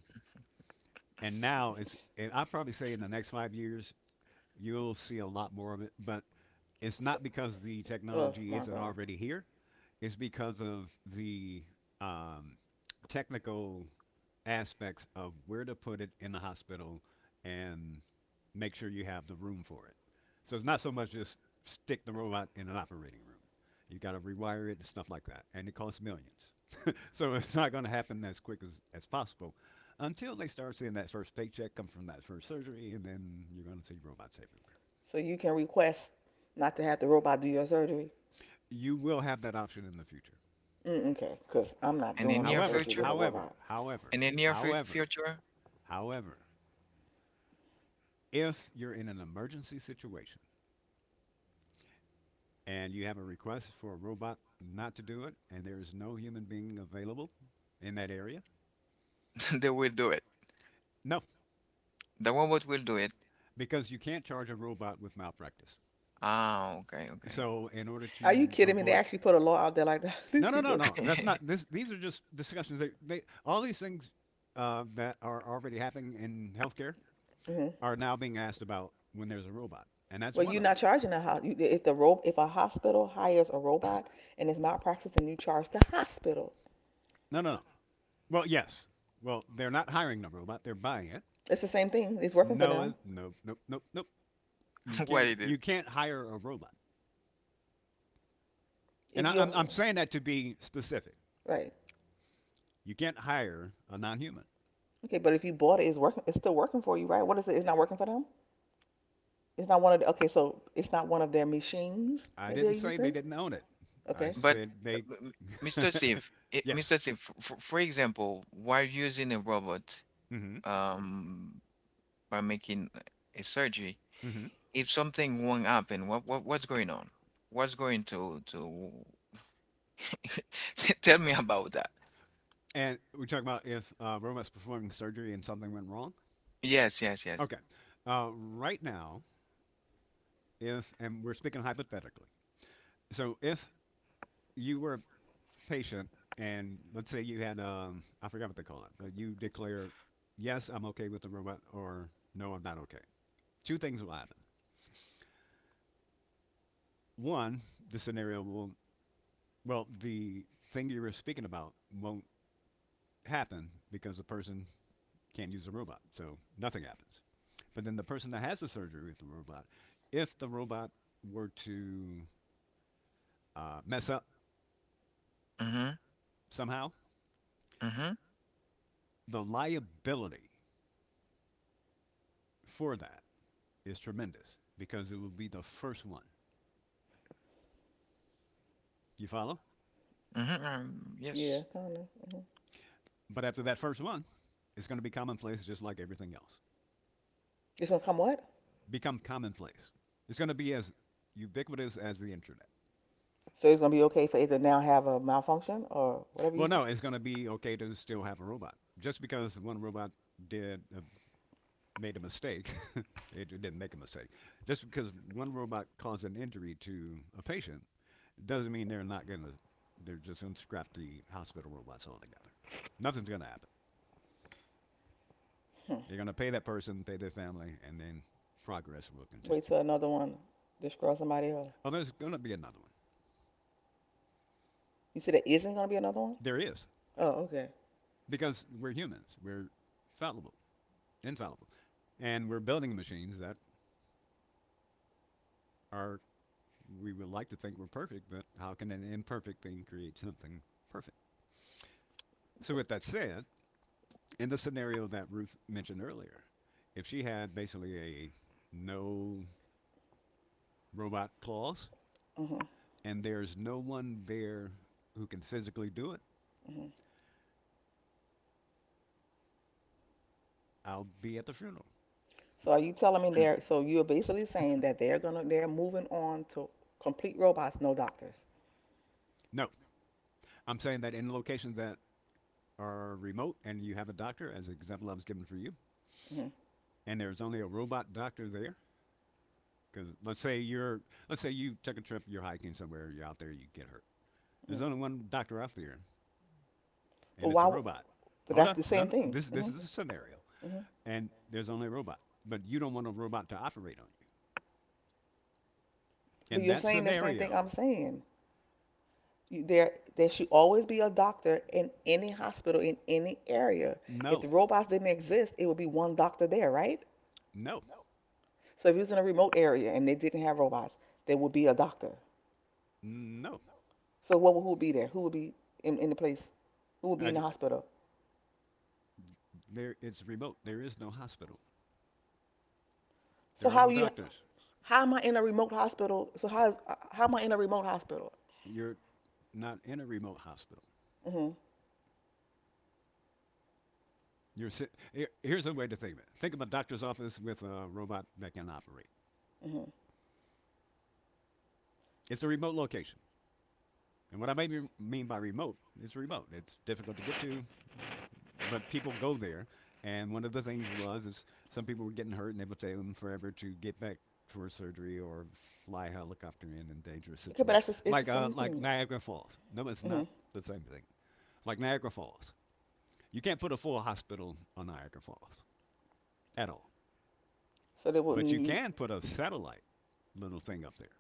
[SPEAKER 3] and now it's, and I'd probably say in the next 5 years, you'll see a lot more of it. But it's
[SPEAKER 2] So,
[SPEAKER 3] not because the
[SPEAKER 2] oh
[SPEAKER 3] technology
[SPEAKER 2] my
[SPEAKER 3] isn't
[SPEAKER 2] God.
[SPEAKER 3] already here; it's because of the um, technical aspects of where to put it in the hospital and make sure you have the room for it. So it's not so much just stick the robot in an operating room. You got to rewire it and stuff like that, and it costs millions. So it's not going to happen as quick as possible until they start seeing that first paycheck come from that first surgery, and then you're going to see robots everywhere.
[SPEAKER 2] So you can request not to have the robot do your surgery?
[SPEAKER 3] You will have that option in the future.
[SPEAKER 2] Mm, okay, because I'm not
[SPEAKER 1] In the
[SPEAKER 2] doing no
[SPEAKER 1] near
[SPEAKER 3] However,
[SPEAKER 2] surgery with
[SPEAKER 1] future,
[SPEAKER 2] a
[SPEAKER 3] however,
[SPEAKER 2] robot.
[SPEAKER 3] however,
[SPEAKER 1] in the near fut-
[SPEAKER 3] however,
[SPEAKER 1] future,
[SPEAKER 3] however, if you're in an emergency situation, and you have a request for a robot not to do it, and there is no human being available in that area?
[SPEAKER 1] they will do it.
[SPEAKER 3] No,
[SPEAKER 1] The robot will do it.
[SPEAKER 3] because you can't charge a robot with malpractice.
[SPEAKER 1] Ah, okay, okay.
[SPEAKER 3] So, in order
[SPEAKER 2] Are you
[SPEAKER 3] to
[SPEAKER 2] kidding me? They
[SPEAKER 3] avoid,
[SPEAKER 2] actually put a law out there like that. These
[SPEAKER 3] no, no, no,
[SPEAKER 2] people.
[SPEAKER 3] no, that's not. These are just discussions. All these things that are already happening in healthcare
[SPEAKER 2] Hmm.
[SPEAKER 3] are now being asked about when there's a robot, and that's
[SPEAKER 2] Well,
[SPEAKER 3] one
[SPEAKER 2] you're
[SPEAKER 3] of
[SPEAKER 2] not
[SPEAKER 3] them.
[SPEAKER 2] charging a house. If the ro- if a hospital hires a robot and it's malpractice, then you charge the hospital.
[SPEAKER 3] No. Well, yes. Well, they're not hiring the robot; they're buying it.
[SPEAKER 2] It's the same thing. It's working for
[SPEAKER 3] No,
[SPEAKER 2] them.
[SPEAKER 3] no, nope.
[SPEAKER 1] What it is.
[SPEAKER 3] You can't hire a robot. And
[SPEAKER 2] If
[SPEAKER 3] I,
[SPEAKER 2] you're
[SPEAKER 3] I'm, I'm saying that to be specific.
[SPEAKER 2] right,
[SPEAKER 3] You can't hire a non human.
[SPEAKER 2] okay, but if you bought it, it's working. It's still working for you, right? What is it? It's not working for them. It's not one of the. Okay, so it's not one of their machines
[SPEAKER 3] I
[SPEAKER 2] that they're
[SPEAKER 3] didn't say they
[SPEAKER 2] using.
[SPEAKER 3] didn't own it. I
[SPEAKER 2] Okay.
[SPEAKER 1] But
[SPEAKER 3] said
[SPEAKER 1] uh,
[SPEAKER 3] they.
[SPEAKER 1] m- Mr. Steve, eh,
[SPEAKER 3] Yes.
[SPEAKER 1] Mr. Steve, for, for example, while using a robot,
[SPEAKER 3] Mm hmm.
[SPEAKER 1] um by making a surgery,
[SPEAKER 3] Mm hmm.
[SPEAKER 1] if something wrong happen, what, what's going on? What's going to tell me about that?
[SPEAKER 3] And we're talking about if robots performing surgery and something went wrong?
[SPEAKER 1] Yes, yes, yes.
[SPEAKER 3] Okay. Right now, if, and we're speaking hypothetically, so if you were a patient and let's say you had, I forgot what they call it, but you declare, yes, I'm okay with the robot, or no, I'm not okay. Two things will happen. One, the scenario will— well, the thing you were speaking about won't happen because the person can't use the robot, so nothing happens. But then the person that has the surgery with the robot, if the robot were to mess up
[SPEAKER 1] Mm-hmm.
[SPEAKER 3] somehow,
[SPEAKER 1] Mm-hmm.
[SPEAKER 3] the liability for that is tremendous because it will be the first one. You follow?
[SPEAKER 1] Mm-hmm. Yes.
[SPEAKER 2] Yeah, kind of. Hmm.
[SPEAKER 3] But after that first one, it's going to be commonplace just like everything else.
[SPEAKER 2] It's gonna come what?
[SPEAKER 3] Become commonplace. It's going to be as ubiquitous as the internet.
[SPEAKER 2] So it's gonna be okay for it to now have a malfunction or whatever you
[SPEAKER 3] Well,
[SPEAKER 2] say.
[SPEAKER 3] no, it's going to be okay to still have a robot. Just because one robot did made a mistake, it didn't make a mistake. Just because one robot caused an injury to a patient doesn't mean they're not going to. They're just going to scrap the hospital robots altogether. Nothing's going to happen.
[SPEAKER 2] Hmm.
[SPEAKER 3] They're going to pay that person, pay their family, and then progress will
[SPEAKER 2] Wait
[SPEAKER 3] continue.
[SPEAKER 2] till another one destroys somebody else.
[SPEAKER 3] Oh, there's going to be another one.
[SPEAKER 2] You said there isn't gonna be another one?
[SPEAKER 3] There is
[SPEAKER 2] Oh, okay.
[SPEAKER 3] because we're humans. We're fallible, infallible, and we're building machines that are we would like to think we're perfect, but how can an imperfect thing create something perfect? So, with that said, in the scenario that Ruth mentioned earlier, if she had basically a no robot clause
[SPEAKER 2] Mhm.
[SPEAKER 3] and there's no one there who can physically do it,
[SPEAKER 2] Mhm.
[SPEAKER 3] I'll be at the funeral.
[SPEAKER 2] So are you telling me
[SPEAKER 1] Mm.
[SPEAKER 2] they're? So you're basically saying that they're moving on to complete robots, no doctors.
[SPEAKER 3] No, I'm saying that in locations that are remote and you have a doctor, as the example I was given for you,
[SPEAKER 2] Mhm.
[SPEAKER 3] and there's only a robot doctor there, because let's say you took a trip, you're hiking somewhere, you're out there, you get hurt. There's
[SPEAKER 2] Mhm.
[SPEAKER 3] only one doctor out there,
[SPEAKER 2] But
[SPEAKER 3] and it's
[SPEAKER 2] why?
[SPEAKER 3] a robot.
[SPEAKER 2] But
[SPEAKER 3] Hold
[SPEAKER 2] that's
[SPEAKER 3] on,
[SPEAKER 2] the
[SPEAKER 3] no,
[SPEAKER 2] same
[SPEAKER 3] no,
[SPEAKER 2] thing.
[SPEAKER 3] this
[SPEAKER 2] Mhm.
[SPEAKER 3] is a scenario,
[SPEAKER 2] Mhm.
[SPEAKER 3] and there's only a robot, but you don't want a robot to operate on you.
[SPEAKER 2] But
[SPEAKER 3] In
[SPEAKER 2] you're
[SPEAKER 3] that
[SPEAKER 2] saying the same thing
[SPEAKER 3] scenario,
[SPEAKER 2] I'm saying. You, there, there should always be a doctor in any hospital in any area. If
[SPEAKER 3] no,
[SPEAKER 2] the robots didn't exist, it would be one doctor there, right?
[SPEAKER 3] no,
[SPEAKER 2] So if it was in a remote area and they didn't have robots, there would be a doctor.
[SPEAKER 3] no.
[SPEAKER 2] So what who would be there? Who would be in the place? Who would be
[SPEAKER 3] I
[SPEAKER 2] in the hospital?
[SPEAKER 3] There, it's remote. There is no hospital.
[SPEAKER 2] So
[SPEAKER 3] There are
[SPEAKER 2] how
[SPEAKER 3] no
[SPEAKER 2] you?
[SPEAKER 3] doctors.
[SPEAKER 2] How am I in a remote hospital? So how am I in a remote hospital?
[SPEAKER 3] You're not in a remote hospital.
[SPEAKER 2] Mhm.
[SPEAKER 3] Here's a way to think of it. Think of a doctor's office with a robot that can operate.
[SPEAKER 2] Mhm.
[SPEAKER 3] It's a remote location. And what I maybe mean by remote is remote. It's difficult to get to, but people go there. And one of the things was is some people were getting hurt, and it would take them forever to get back for surgery or fly a helicopter in dangerous
[SPEAKER 2] Okay, but that's
[SPEAKER 3] situations,
[SPEAKER 2] just, it's the
[SPEAKER 3] like uh,
[SPEAKER 2] same
[SPEAKER 3] like
[SPEAKER 2] thing.
[SPEAKER 3] Niagara Falls. No, it's
[SPEAKER 2] Mhm.
[SPEAKER 3] not the same thing. Like Niagara Falls, you can't put a full hospital on Niagara Falls at all,
[SPEAKER 2] So they
[SPEAKER 3] but you
[SPEAKER 2] wouldn't.
[SPEAKER 3] can put a satellite little thing up there.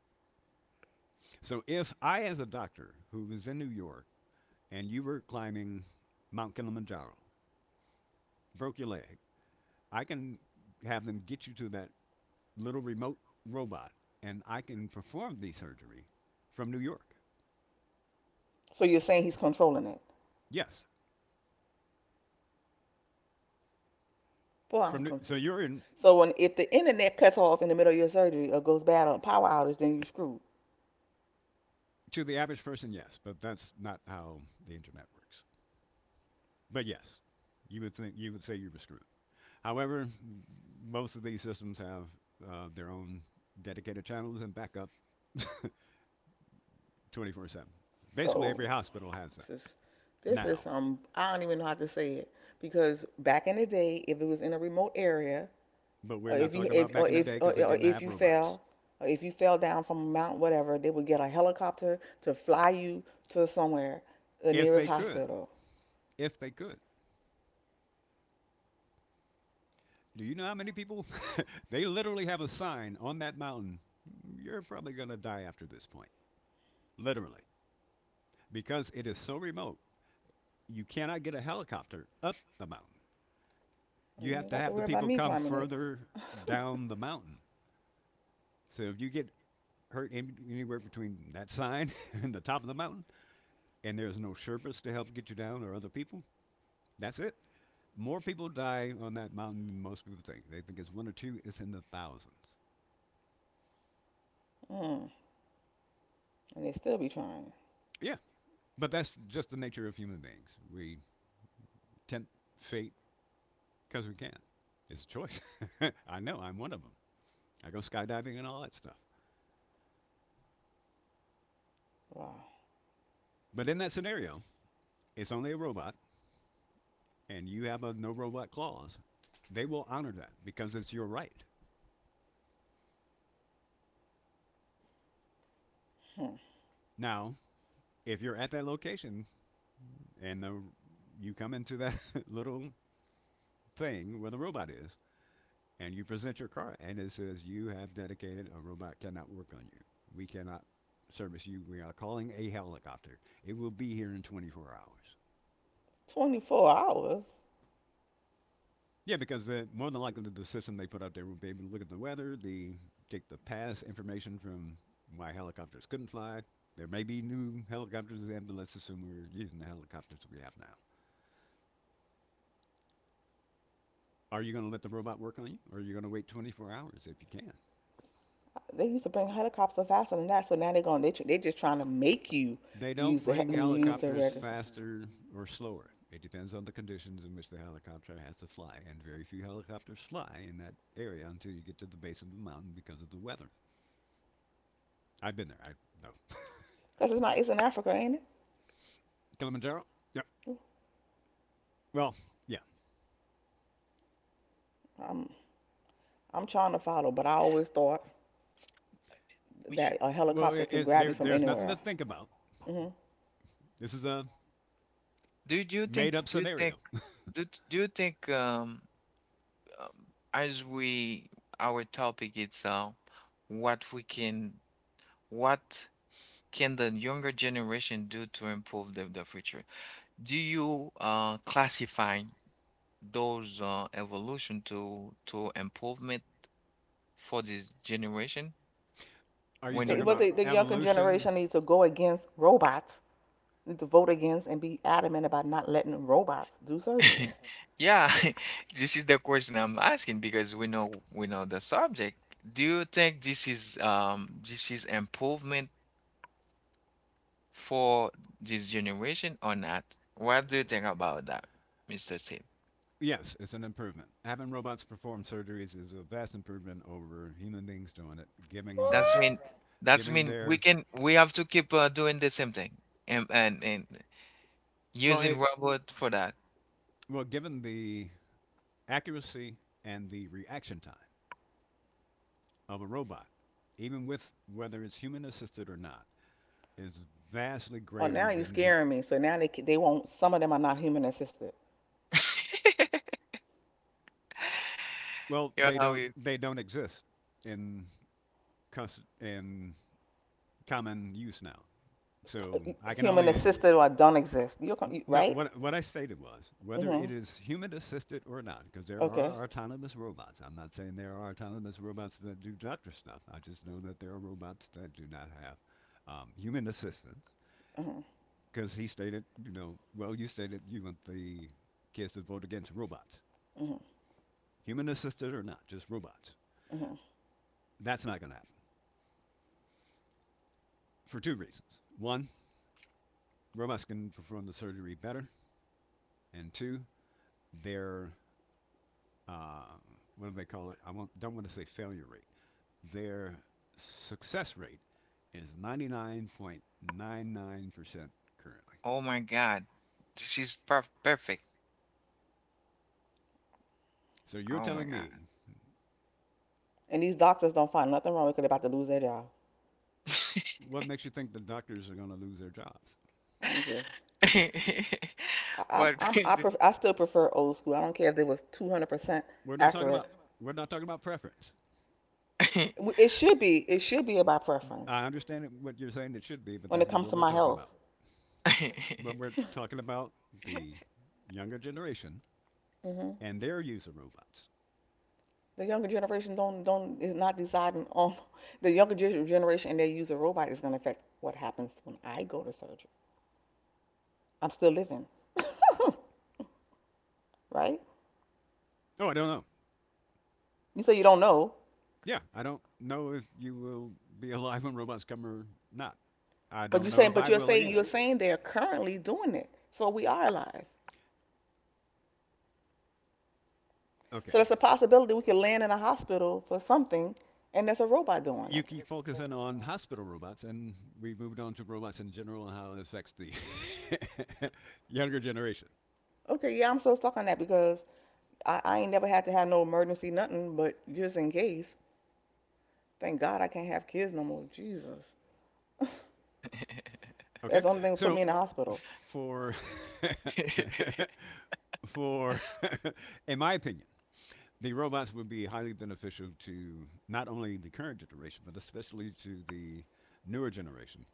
[SPEAKER 3] So if I, as a doctor who was in New York and you were climbing Mount Kilimanjaro, broke your leg, I can have them get you to that little remote robot, and I can perform the surgery from New York.
[SPEAKER 2] So you're saying he's controlling it?
[SPEAKER 3] Yes,
[SPEAKER 2] Boy, I'm
[SPEAKER 3] so
[SPEAKER 2] confused.
[SPEAKER 3] you're in.
[SPEAKER 2] So when if the internet cuts off in the middle of your surgery or goes bad on power outage, then you're screwed.
[SPEAKER 3] To the average person, yes, but that's not how the internet works. But yes, you would think you would say you were screwed. However, most of these systems have their own dedicated channels and backup 24/7. Basically,
[SPEAKER 2] So
[SPEAKER 3] every hospital has that
[SPEAKER 2] this is this is
[SPEAKER 3] now.
[SPEAKER 2] some, I don't even know how to say it because back in the day, if it was in a remote area,
[SPEAKER 3] But we're
[SPEAKER 2] or
[SPEAKER 3] not
[SPEAKER 2] if you
[SPEAKER 3] talking about
[SPEAKER 2] if
[SPEAKER 3] back
[SPEAKER 2] or
[SPEAKER 3] in the
[SPEAKER 2] if
[SPEAKER 3] day
[SPEAKER 2] or,
[SPEAKER 3] because they
[SPEAKER 2] or
[SPEAKER 3] didn't
[SPEAKER 2] if
[SPEAKER 3] have
[SPEAKER 2] you
[SPEAKER 3] robots.
[SPEAKER 2] fell, or if you fell down from a mountain, whatever, they would get a helicopter to fly you to somewhere, the
[SPEAKER 3] If
[SPEAKER 2] nearest
[SPEAKER 3] they could,
[SPEAKER 2] hospital.
[SPEAKER 3] if they could. Do you know how many people? they literally have a sign on that mountain. You're probably going to die after this point. Literally. Because it is so remote, you cannot get a helicopter up the mountain. You
[SPEAKER 2] You
[SPEAKER 3] have
[SPEAKER 2] ain't
[SPEAKER 3] to
[SPEAKER 2] got to
[SPEAKER 3] have the
[SPEAKER 2] worry about
[SPEAKER 3] people
[SPEAKER 2] me
[SPEAKER 3] come
[SPEAKER 2] climbing it.
[SPEAKER 3] further down the mountain. So if you get hurt in, anywhere between that sign and the top of the mountain, and there's no Sherpas to help get you down or other people, that's it. More people die on that mountain than most people think. They think it's one or two. It's in the thousands.
[SPEAKER 2] Mm, and they still be trying.
[SPEAKER 3] Yeah. But that's just the nature of human beings. We tempt fate because we can. It's a choice. I know. I'm one of them. I go skydiving and all that stuff.
[SPEAKER 2] Wow.
[SPEAKER 3] But in that scenario, it's only a robot, and you have a no robot clause. They will honor that because it's your right.
[SPEAKER 2] Hmm.
[SPEAKER 3] Now, if you're at that location and the, you come into that little thing where the robot is, and you present your car, and it says you have dedicated a robot cannot work on you. We cannot service you. We are calling a helicopter. It will be here in 24 hours.
[SPEAKER 2] 24 hours.
[SPEAKER 3] Yeah, because more than likely the system they put up there will be able to look at the weather, the take the past information from why helicopters couldn't fly. There may be new helicopters then, but let's assume we're using the helicopters we have now. Are you going to let the robot work on you, or are you going to wait 24 hours if you can?
[SPEAKER 2] They used to bring helicopters faster than that, so now they're going. They just trying to make you
[SPEAKER 3] They don't
[SPEAKER 2] use the
[SPEAKER 3] bring
[SPEAKER 2] them use the
[SPEAKER 3] helicopters
[SPEAKER 2] register
[SPEAKER 3] faster or slower. It depends on the conditions in which the helicopter has to fly, and very few helicopters fly in that area until you get to the base of the mountain because of the weather. I've been there. I know
[SPEAKER 2] because it's not, it's in Africa, ain't
[SPEAKER 3] Kilimanjaro. Yeah.
[SPEAKER 2] it?
[SPEAKER 3] Well, yeah.
[SPEAKER 2] I'm I'm trying to follow, but I always thought
[SPEAKER 1] Which-
[SPEAKER 2] that a
[SPEAKER 3] Well,
[SPEAKER 2] helicopter could grab
[SPEAKER 3] there,
[SPEAKER 2] you from
[SPEAKER 3] there's nothing to
[SPEAKER 2] anywhere.
[SPEAKER 3] think about.
[SPEAKER 2] Hmm.
[SPEAKER 3] This is a
[SPEAKER 1] Do
[SPEAKER 3] made-up scenario.
[SPEAKER 1] do, do you think um, as we our topic is what we can what can the younger generation do to improve the future? Do you classify those evolution to improvement for this generation?
[SPEAKER 3] Are you
[SPEAKER 2] They,
[SPEAKER 3] talking
[SPEAKER 1] When,
[SPEAKER 2] but
[SPEAKER 3] about
[SPEAKER 2] the younger
[SPEAKER 3] evolution?
[SPEAKER 2] generation needs to go against robots, need to vote against and be adamant about not letting robots do surgeries.
[SPEAKER 1] yeah, this is the question I'm asking, because we know the subject. Do you think this is improvement for this generation or not? What do you think about that, Mr. Steve?
[SPEAKER 3] Yes, it's an improvement. Having robots perform surgeries is a vast improvement over human beings doing it. Giving
[SPEAKER 1] That's
[SPEAKER 3] that,
[SPEAKER 1] mean that's
[SPEAKER 3] giving
[SPEAKER 1] mean
[SPEAKER 3] their
[SPEAKER 1] we have to keep doing the same thing, and
[SPEAKER 3] well,
[SPEAKER 1] using
[SPEAKER 3] it
[SPEAKER 1] robot for that.
[SPEAKER 3] well, Given the accuracy and the reaction time of a robot, even with whether it's human assisted or not, is vastly
[SPEAKER 2] Oh,
[SPEAKER 3] greater
[SPEAKER 2] now you're
[SPEAKER 3] than the.
[SPEAKER 2] scaring me. So now they won't. Some of them are not human assisted,
[SPEAKER 3] Well,
[SPEAKER 1] You know
[SPEAKER 3] they
[SPEAKER 1] how
[SPEAKER 3] don't
[SPEAKER 1] we,
[SPEAKER 3] they don't exist in in common use now. So I can
[SPEAKER 2] human
[SPEAKER 3] only
[SPEAKER 2] assisted or don't exist. You're
[SPEAKER 3] No,
[SPEAKER 2] right?
[SPEAKER 3] what I stated was whether
[SPEAKER 2] Hmm.
[SPEAKER 3] it is human assisted or not because there
[SPEAKER 2] Okay.
[SPEAKER 3] are autonomous robots. I'm not saying there are autonomous robots that do doctor stuff. I just know that there are robots that do not have human assistance
[SPEAKER 2] Mhm.
[SPEAKER 3] because he stated, you know, well, you stated you want the kids to vote against robots,
[SPEAKER 2] Mhm.
[SPEAKER 3] human assisted or not, just robots.
[SPEAKER 2] Mhm.
[SPEAKER 3] That's not going to happen for two reasons. One, robots can perform the surgery better, and two, their uh, what do they call it? Don't want to say failure rate. Their success rate is 99.99% currently.
[SPEAKER 1] oh my God, this is perfect.
[SPEAKER 3] So you're
[SPEAKER 1] Oh my
[SPEAKER 3] telling
[SPEAKER 1] God.
[SPEAKER 3] me,
[SPEAKER 2] And these doctors don't find nothing wrong because they're about to lose their job.
[SPEAKER 3] what makes you think the doctors are going to lose their jobs?
[SPEAKER 2] I'm just.
[SPEAKER 1] What crazy.
[SPEAKER 2] I still prefer old school. I don't care if it was 200%
[SPEAKER 3] We're not talking
[SPEAKER 2] accurate.
[SPEAKER 3] about we're not talking about preference.
[SPEAKER 2] It should be. It should be about preference
[SPEAKER 3] I understand what you're saying it should be, but
[SPEAKER 2] when it
[SPEAKER 3] that's not
[SPEAKER 2] comes
[SPEAKER 3] what
[SPEAKER 2] to
[SPEAKER 3] we're
[SPEAKER 2] my
[SPEAKER 3] talking
[SPEAKER 2] health.
[SPEAKER 3] about. What we're talking about the younger generation
[SPEAKER 2] Hmm.
[SPEAKER 3] and their use of robots.
[SPEAKER 2] The younger generation don't is not deciding on the younger generation and they use a robot is going to affect what happens when I go to surgery. I'm still living, right?
[SPEAKER 3] Oh, I don't know.
[SPEAKER 2] You say you don't know,
[SPEAKER 3] Yeah, I don't know if you will be alive when robots come or not. I
[SPEAKER 2] but
[SPEAKER 3] don't
[SPEAKER 2] you
[SPEAKER 3] know
[SPEAKER 2] saying
[SPEAKER 3] if
[SPEAKER 2] but
[SPEAKER 3] I will
[SPEAKER 2] you're
[SPEAKER 3] either.
[SPEAKER 2] saying they're currently doing it, so we are alive.
[SPEAKER 3] Okay.
[SPEAKER 2] So there's a possibility we could land in a hospital for something and there's a robot doing
[SPEAKER 3] You
[SPEAKER 2] it.
[SPEAKER 3] keep focusing on hospital robots, and we moved on to robots in general and how it affects the younger generation.
[SPEAKER 2] Okay, yeah, I'm so stuck on that because I ain't never had to have no emergency nothing, but just in case, thank God I can't have kids no more. Jesus. That's the
[SPEAKER 3] Okay.
[SPEAKER 2] only thing that put
[SPEAKER 3] So,
[SPEAKER 2] me in the hospital.
[SPEAKER 3] for for in my opinion, the robots would be highly beneficial to not only the current generation, but especially to the newer generation.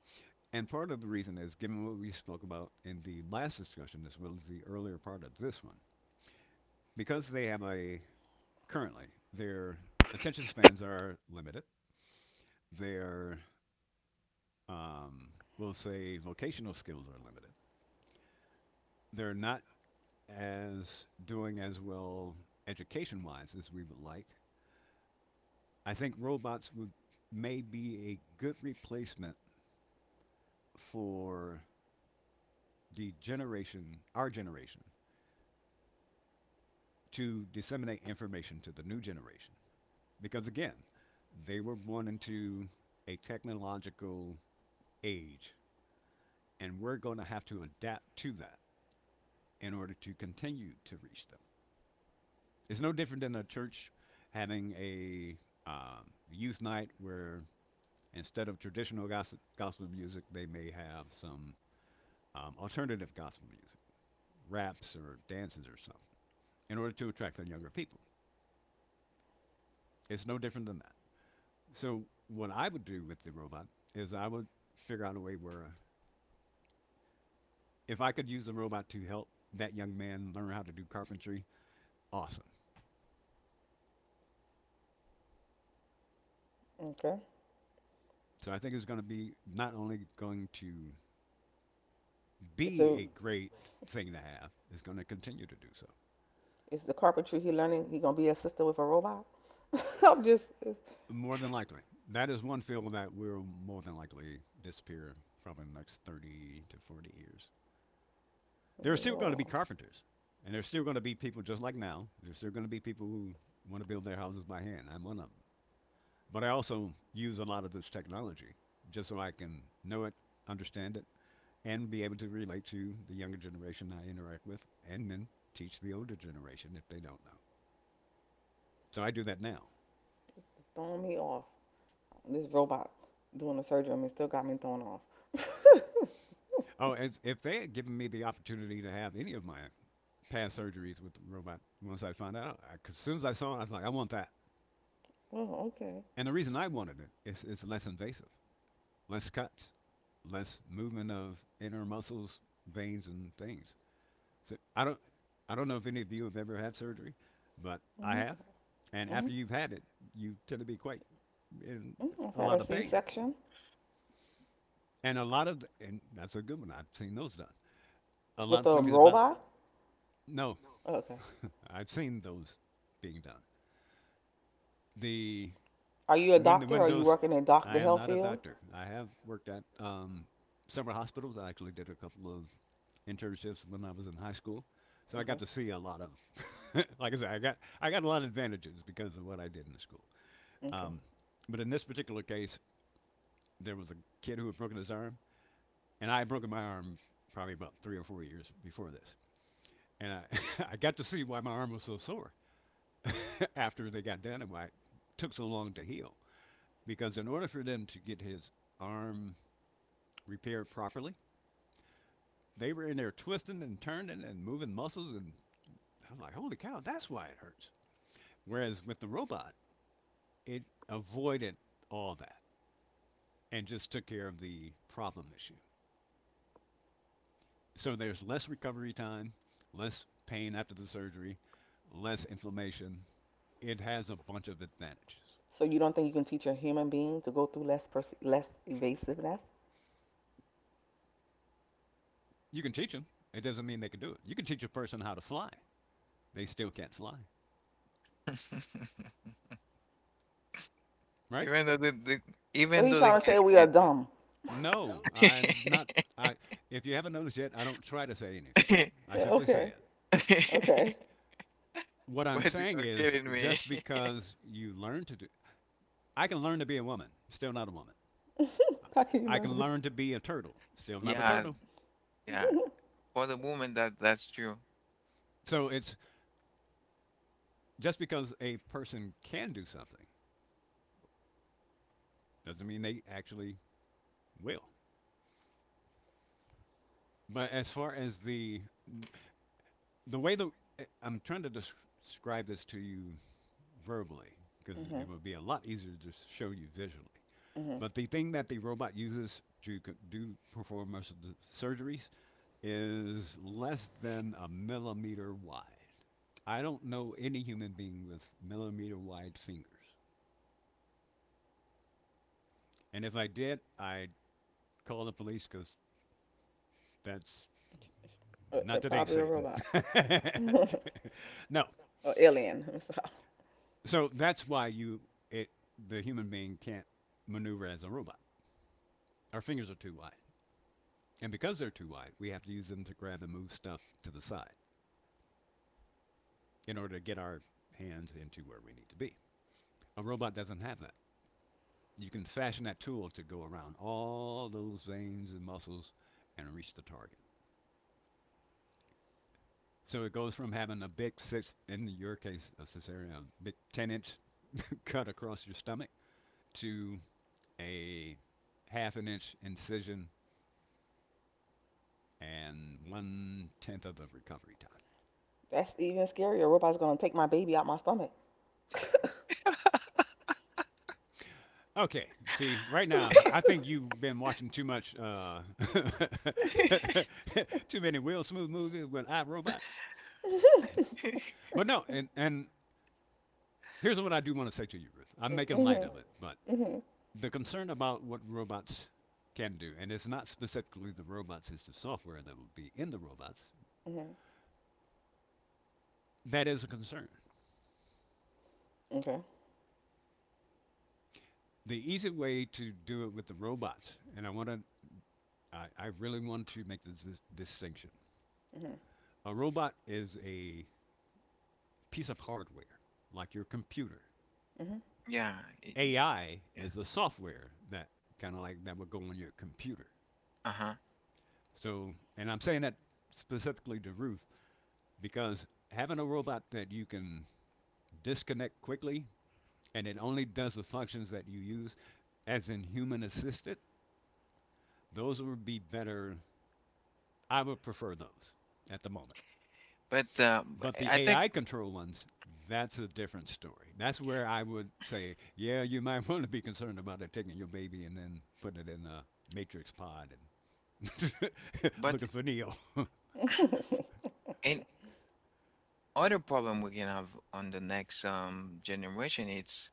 [SPEAKER 3] And part of the reason is given what we spoke about in the last discussion, as well as the earlier part of this one. Because currently, their attention spans are limited, their, um, we'll say, vocational skills are limited. They're not as doing as well education wise as we would like. I think robots would may be a good replacement for the generation, our generation, to disseminate information to the new generation. Because again, they were born into a technological age, and we're going to have to adapt to that in order to continue to reach them. It's no different than a church having a youth night where instead of traditional gospel music, they may have some alternative gospel music. Raps or dances or something in order to attract the younger people. It's no different than that. So what I would do with the robot is I would figure out a way where if I could use the robot to help that young man learn how to do carpentry, awesome.
[SPEAKER 2] Okay.
[SPEAKER 3] So I think it's going to be not only going to be
[SPEAKER 2] So
[SPEAKER 3] a great thing to have, it's going to continue to do so.
[SPEAKER 2] it's the carpentry he learning he gonna be a sister with a robot? I'm just
[SPEAKER 3] More than likely. That is one field that will more than likely disappear probably in the next 30 to 40 years. There are still going to be
[SPEAKER 2] oh,
[SPEAKER 3] carpenters, and there's still going to be people just like now. There's still going to be people who want to build their houses by hand. I'm one of them. But I also use a lot of this technology just so I can know it, understand it, and be able to relate to the younger generation I interact with, and then teach the older generation if they don't know. So I do that now.
[SPEAKER 2] it's throwing me off. This robot doing the surgery on me still got me thrown off.
[SPEAKER 3] Oh, if they had given me the opportunity to have any of my past surgeries with the robot, once I found out, as soon as I saw it, I was like, I want that.
[SPEAKER 2] Oh, okay.
[SPEAKER 3] And the reason I wanted it is it's less invasive. Less cuts, less movement of inner muscles, veins, and things. So I don't know if any of you have ever had surgery, but I
[SPEAKER 2] Mhm.
[SPEAKER 3] have. And after
[SPEAKER 2] Mhm.
[SPEAKER 3] you've had it, you tend to be quite in
[SPEAKER 2] Mm, I've
[SPEAKER 3] a
[SPEAKER 2] had a
[SPEAKER 3] lot of pain,
[SPEAKER 2] C-section.
[SPEAKER 3] and and that's a good one. I've seen those done. A lot
[SPEAKER 2] With
[SPEAKER 3] of
[SPEAKER 2] a
[SPEAKER 3] things about
[SPEAKER 2] robot?
[SPEAKER 3] no,
[SPEAKER 2] Okay.
[SPEAKER 3] I've seen those being done. The
[SPEAKER 2] Are you a
[SPEAKER 3] when the
[SPEAKER 2] doctor? Are you
[SPEAKER 3] windows,
[SPEAKER 2] working in doc
[SPEAKER 3] I
[SPEAKER 2] the
[SPEAKER 3] am
[SPEAKER 2] health
[SPEAKER 3] not a
[SPEAKER 2] field?
[SPEAKER 3] doctor. I have worked at several hospitals. I actually did a couple of internships when I was in high school. So I got
[SPEAKER 2] Okay.
[SPEAKER 3] to see a lot of, like I said, I got a lot of advantages because of what I did in the school.
[SPEAKER 2] Okay.
[SPEAKER 3] Um, but in this particular case, there was a kid who had broken his arm, and I had broken my arm probably about 3 or 4 years before this, and I I got to see why my arm was so sore after they got done and why it took so long to heal. Because in order for them to get his arm repaired properly, they were in there twisting and turning and moving muscles, and I was like, holy cow, that's why it hurts. Whereas with the robot, it avoided all that and just took care of the problem issue. So there's less recovery time, less pain after the surgery, less inflammation. It has a bunch of advantages.
[SPEAKER 2] So you don't think you can teach a human being to go through less evasiveness?
[SPEAKER 3] You can teach them. It doesn't mean they can do it. You can teach a person how to fly. They still can't fly, right?
[SPEAKER 1] Even though the,
[SPEAKER 2] So
[SPEAKER 1] even
[SPEAKER 2] he's
[SPEAKER 1] though they
[SPEAKER 2] trying to
[SPEAKER 1] can,
[SPEAKER 2] say we are dumb.
[SPEAKER 3] No, I'm not. I If you haven't noticed yet, I don't try to say anything. I
[SPEAKER 2] Yeah,
[SPEAKER 3] simply say
[SPEAKER 2] okay.
[SPEAKER 3] it.
[SPEAKER 2] Okay.
[SPEAKER 3] What I'm
[SPEAKER 1] What, you
[SPEAKER 3] saying
[SPEAKER 1] are
[SPEAKER 3] is
[SPEAKER 1] kidding me?
[SPEAKER 3] just because you learn to do I can learn to be a woman, still not a woman.
[SPEAKER 2] How can you
[SPEAKER 3] I
[SPEAKER 2] learn to
[SPEAKER 3] can
[SPEAKER 2] be?
[SPEAKER 3] learn to be a turtle. Still not a
[SPEAKER 1] Yeah,
[SPEAKER 3] turtle.
[SPEAKER 1] yeah. For the woman, that's true.
[SPEAKER 3] So it's just because a person can do something doesn't mean they actually will. But as far as the way, the I'm trying to describe this to you verbally because
[SPEAKER 2] Mhm.
[SPEAKER 3] it would be a lot easier to show you visually.
[SPEAKER 2] Mhm.
[SPEAKER 3] But the thing that the robot uses to do perform most of the surgeries is less than a millimeter wide. I don't know any human being with millimeter wide fingers. And if I did, I'd call the police because that's not today,
[SPEAKER 2] Probably a
[SPEAKER 3] Satan.
[SPEAKER 2] robot
[SPEAKER 3] No.
[SPEAKER 2] or alien. So
[SPEAKER 3] So that's why you it the human being can't maneuver as a robot. Our fingers are too wide. And because they're too wide, we have to use them to grab and move stuff to the side in order to get our hands into where we need to be. A robot doesn't have that. You can fashion that tool to go around all those veins and muscles and reach the target. So it goes from having a in your case, a cesarean, big 10 inch cut across your stomach to a half an inch incision and one tenth of the recovery time.
[SPEAKER 2] that's even scarier. A robot's gonna take my baby out my stomach.
[SPEAKER 3] Okay, see, right now, I think you've been watching too many Will Smith movies with iRobot. But no, and here's what I do want to say to you, Ruth. I'm making light
[SPEAKER 2] Mhm.
[SPEAKER 3] of it, but
[SPEAKER 2] Mhm.
[SPEAKER 3] the concern about what robots can do, and it's not specifically the robots, it's the software that will be in the robots,
[SPEAKER 2] Mhm.
[SPEAKER 3] that is a concern.
[SPEAKER 2] Okay.
[SPEAKER 3] The easy way to do it with the robots, and I really want to make this distinction.
[SPEAKER 2] Mhm.
[SPEAKER 3] A robot is a piece of hardware, like your computer.
[SPEAKER 2] Mhm.
[SPEAKER 1] Yeah, it,
[SPEAKER 3] AI
[SPEAKER 1] yeah.
[SPEAKER 3] is a software that kind of like that would go on your computer.
[SPEAKER 1] Uh-huh.
[SPEAKER 3] So, and I'm saying that specifically to Ruth because having a robot that you can disconnect quickly and it only does the functions that you use as in human assisted, those would be better. I would prefer those at the moment.
[SPEAKER 1] But
[SPEAKER 3] But the
[SPEAKER 1] I think,
[SPEAKER 3] AI control ones, that's a different story. That's where I would say, yeah, you might want to be concerned about it taking your baby and then putting it in a matrix pod and
[SPEAKER 1] but
[SPEAKER 3] looking for Neo.
[SPEAKER 1] an other problem we can have on the next generation, it's,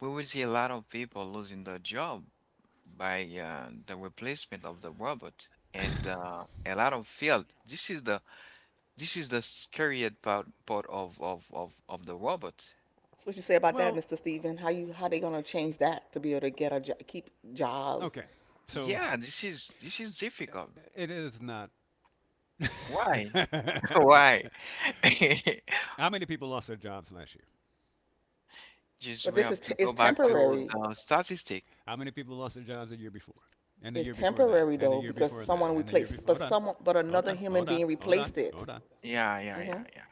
[SPEAKER 1] we will see a lot of people losing their job by, the replacement of the robot, and a lot of field. This is the scariest part of the robot.
[SPEAKER 2] So what you say about that,
[SPEAKER 3] Well,
[SPEAKER 2] Mr. Stephen? How they gonna change that to be able to get keep jobs?
[SPEAKER 3] okay. So
[SPEAKER 1] Yeah, this is
[SPEAKER 3] uh,
[SPEAKER 1] difficult.
[SPEAKER 3] it is not.
[SPEAKER 1] Why? Why?
[SPEAKER 3] How many people lost their jobs last year?
[SPEAKER 1] Just
[SPEAKER 2] But
[SPEAKER 1] we have to
[SPEAKER 2] it's
[SPEAKER 1] go back to
[SPEAKER 2] temporary.
[SPEAKER 1] the statistic.
[SPEAKER 3] How many people lost their jobs the year before? And the
[SPEAKER 2] It's
[SPEAKER 3] year before that?
[SPEAKER 2] temporary
[SPEAKER 3] And the
[SPEAKER 2] though
[SPEAKER 3] year
[SPEAKER 2] because
[SPEAKER 3] before that?
[SPEAKER 2] someone
[SPEAKER 3] And the year
[SPEAKER 2] replaced,
[SPEAKER 3] before? Hold on.
[SPEAKER 2] but
[SPEAKER 3] Hold
[SPEAKER 2] another
[SPEAKER 3] on.
[SPEAKER 2] human
[SPEAKER 3] Hold on.
[SPEAKER 2] being
[SPEAKER 3] Hold on.
[SPEAKER 2] replaced it.
[SPEAKER 3] Hold on.
[SPEAKER 1] Yeah, yeah, yeah,
[SPEAKER 2] Hmm.
[SPEAKER 1] yeah.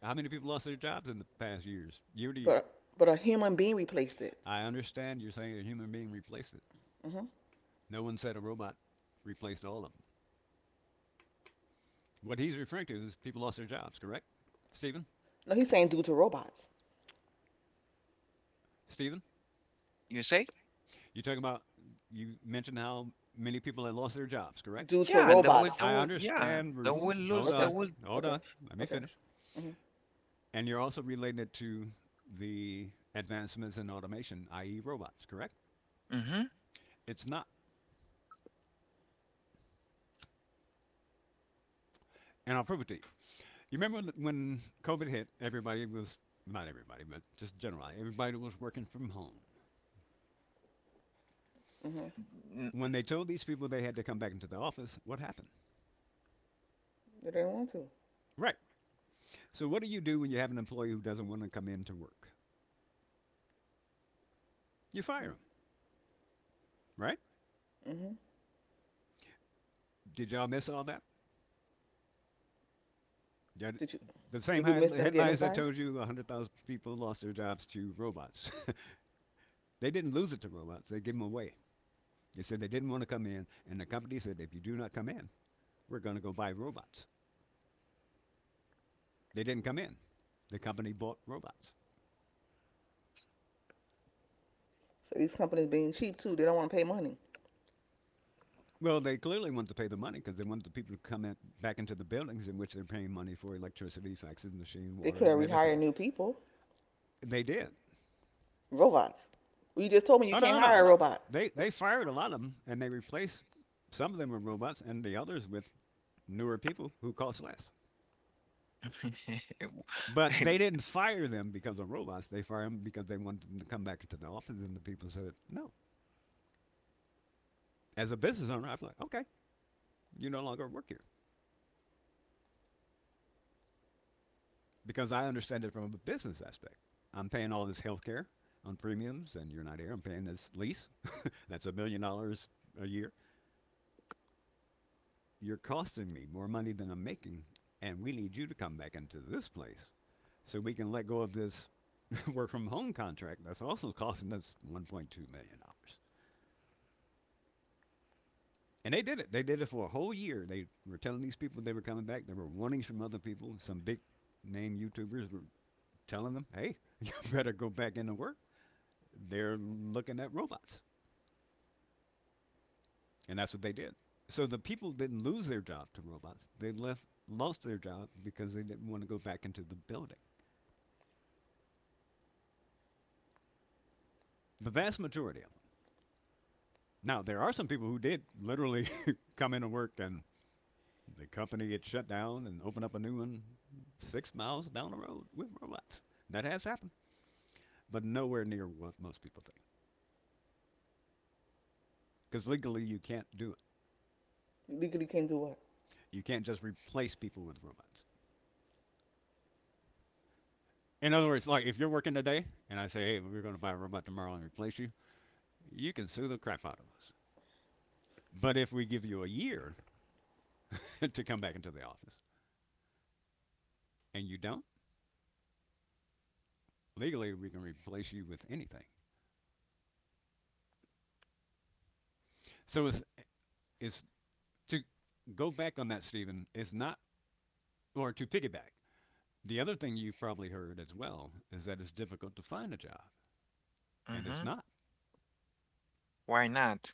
[SPEAKER 3] How many people lost their jobs in the past years, year to year?
[SPEAKER 2] But a human being replaced it.
[SPEAKER 3] I understand you're saying a human being replaced it.
[SPEAKER 2] Hmm.
[SPEAKER 3] No one said a robot replaced all of them. What he's referring to is people lost their jobs, correct? Stephen?
[SPEAKER 2] No, he's saying due to robots.
[SPEAKER 3] Stephen?
[SPEAKER 1] You say?
[SPEAKER 3] You're talking about, you mentioned how many people had lost their jobs, correct?
[SPEAKER 2] Due to
[SPEAKER 1] Yeah,
[SPEAKER 2] robots.
[SPEAKER 3] I
[SPEAKER 1] yeah,
[SPEAKER 3] understand,
[SPEAKER 1] they
[SPEAKER 3] Ruth.
[SPEAKER 2] Hmm.
[SPEAKER 1] will
[SPEAKER 3] Hold
[SPEAKER 1] lose, they
[SPEAKER 2] Okay.
[SPEAKER 3] on.
[SPEAKER 1] will.
[SPEAKER 3] Hold
[SPEAKER 2] Okay.
[SPEAKER 3] on. Let me
[SPEAKER 2] Okay.
[SPEAKER 3] finish.
[SPEAKER 2] Hmm.
[SPEAKER 3] And you're also relating it to the advancements in automation, i.e., robots, correct?
[SPEAKER 1] Mm-hmm.
[SPEAKER 3] It's not, and I'll prove it to you. You remember COVID hit, everybody was, not everybody, but just generally, everybody was working from home.
[SPEAKER 2] Hmm.
[SPEAKER 3] When they told these people they had to come back into the office, what happened?
[SPEAKER 2] They didn't want to.
[SPEAKER 3] Right. So, what do you do when you have an employee who doesn't want to come in to work? You fire them, right?
[SPEAKER 2] Hmm.
[SPEAKER 3] Did y'all miss all that?
[SPEAKER 2] Did you?
[SPEAKER 3] The same
[SPEAKER 2] Did we miss them getting
[SPEAKER 3] headlines that
[SPEAKER 2] fired?
[SPEAKER 3] told you 100,000 people lost their jobs to robots. They didn't lose it to robots, they gave them away. They said they didn't want to come in, and the company said, if you do not come in, we're going to go buy robots. They didn't come in. The company bought robots.
[SPEAKER 2] So these companies being cheap too, they don't want to pay money.
[SPEAKER 3] Well, they clearly wanted to pay the money because they wanted the people to come in, back into the buildings in which they're paying money for electricity, faxes, machine,
[SPEAKER 2] They
[SPEAKER 3] water,
[SPEAKER 2] could have
[SPEAKER 3] and
[SPEAKER 2] rehired
[SPEAKER 3] everything.
[SPEAKER 2] new people,
[SPEAKER 3] They did.
[SPEAKER 2] robots. Well, you just told me you
[SPEAKER 3] Oh,
[SPEAKER 2] can't
[SPEAKER 3] no, no,
[SPEAKER 2] hire
[SPEAKER 3] no.
[SPEAKER 2] a robot.
[SPEAKER 3] They fired a lot of them, and they replaced some of them with robots and the others with newer people who cost less. But they didn't fire them because of robots. They fired them because they wanted them to come back into the office, and the people said, no, as a business owner, I'm like, okay, you no longer work here because I understand it from a business aspect. I'm paying all this health care on premiums, and you're not here. I'm paying this lease. That's $1 million a year. You're costing me more money than I'm making, and we need you to come back into this place so we can let go of this work from home contract that's also costing us $1.2 million. And they did it. They did it for a whole year. They were telling these people they were coming back. They were warnings from other people. Some big name YouTubers were telling them, hey, you better go back into work. They're looking at robots. And that's what they did. So the people didn't lose their job to robots. They left lost their job because they didn't want to go back into the building. The vast majority of them. Now there are some people who did literally come into work and the company gets shut down and open up a new one 6 miles down the road with robots. That has happened, but nowhere near what most people think. Because legally you can't do it.
[SPEAKER 2] Legally can do what?
[SPEAKER 3] You can't just replace people with robots. In other words, like if you're working today and I say, hey, we're going to buy a robot tomorrow and replace you, you can sue the crap out of us. But if we give you a year to come back into the office and you don't, legally we can replace you with anything. So it's to go back on that, Stephen, is not, or to piggyback. The other thing you've probably heard as well is that it's difficult to find a job, and it's
[SPEAKER 1] Mm-hmm.
[SPEAKER 3] not.
[SPEAKER 1] Why not?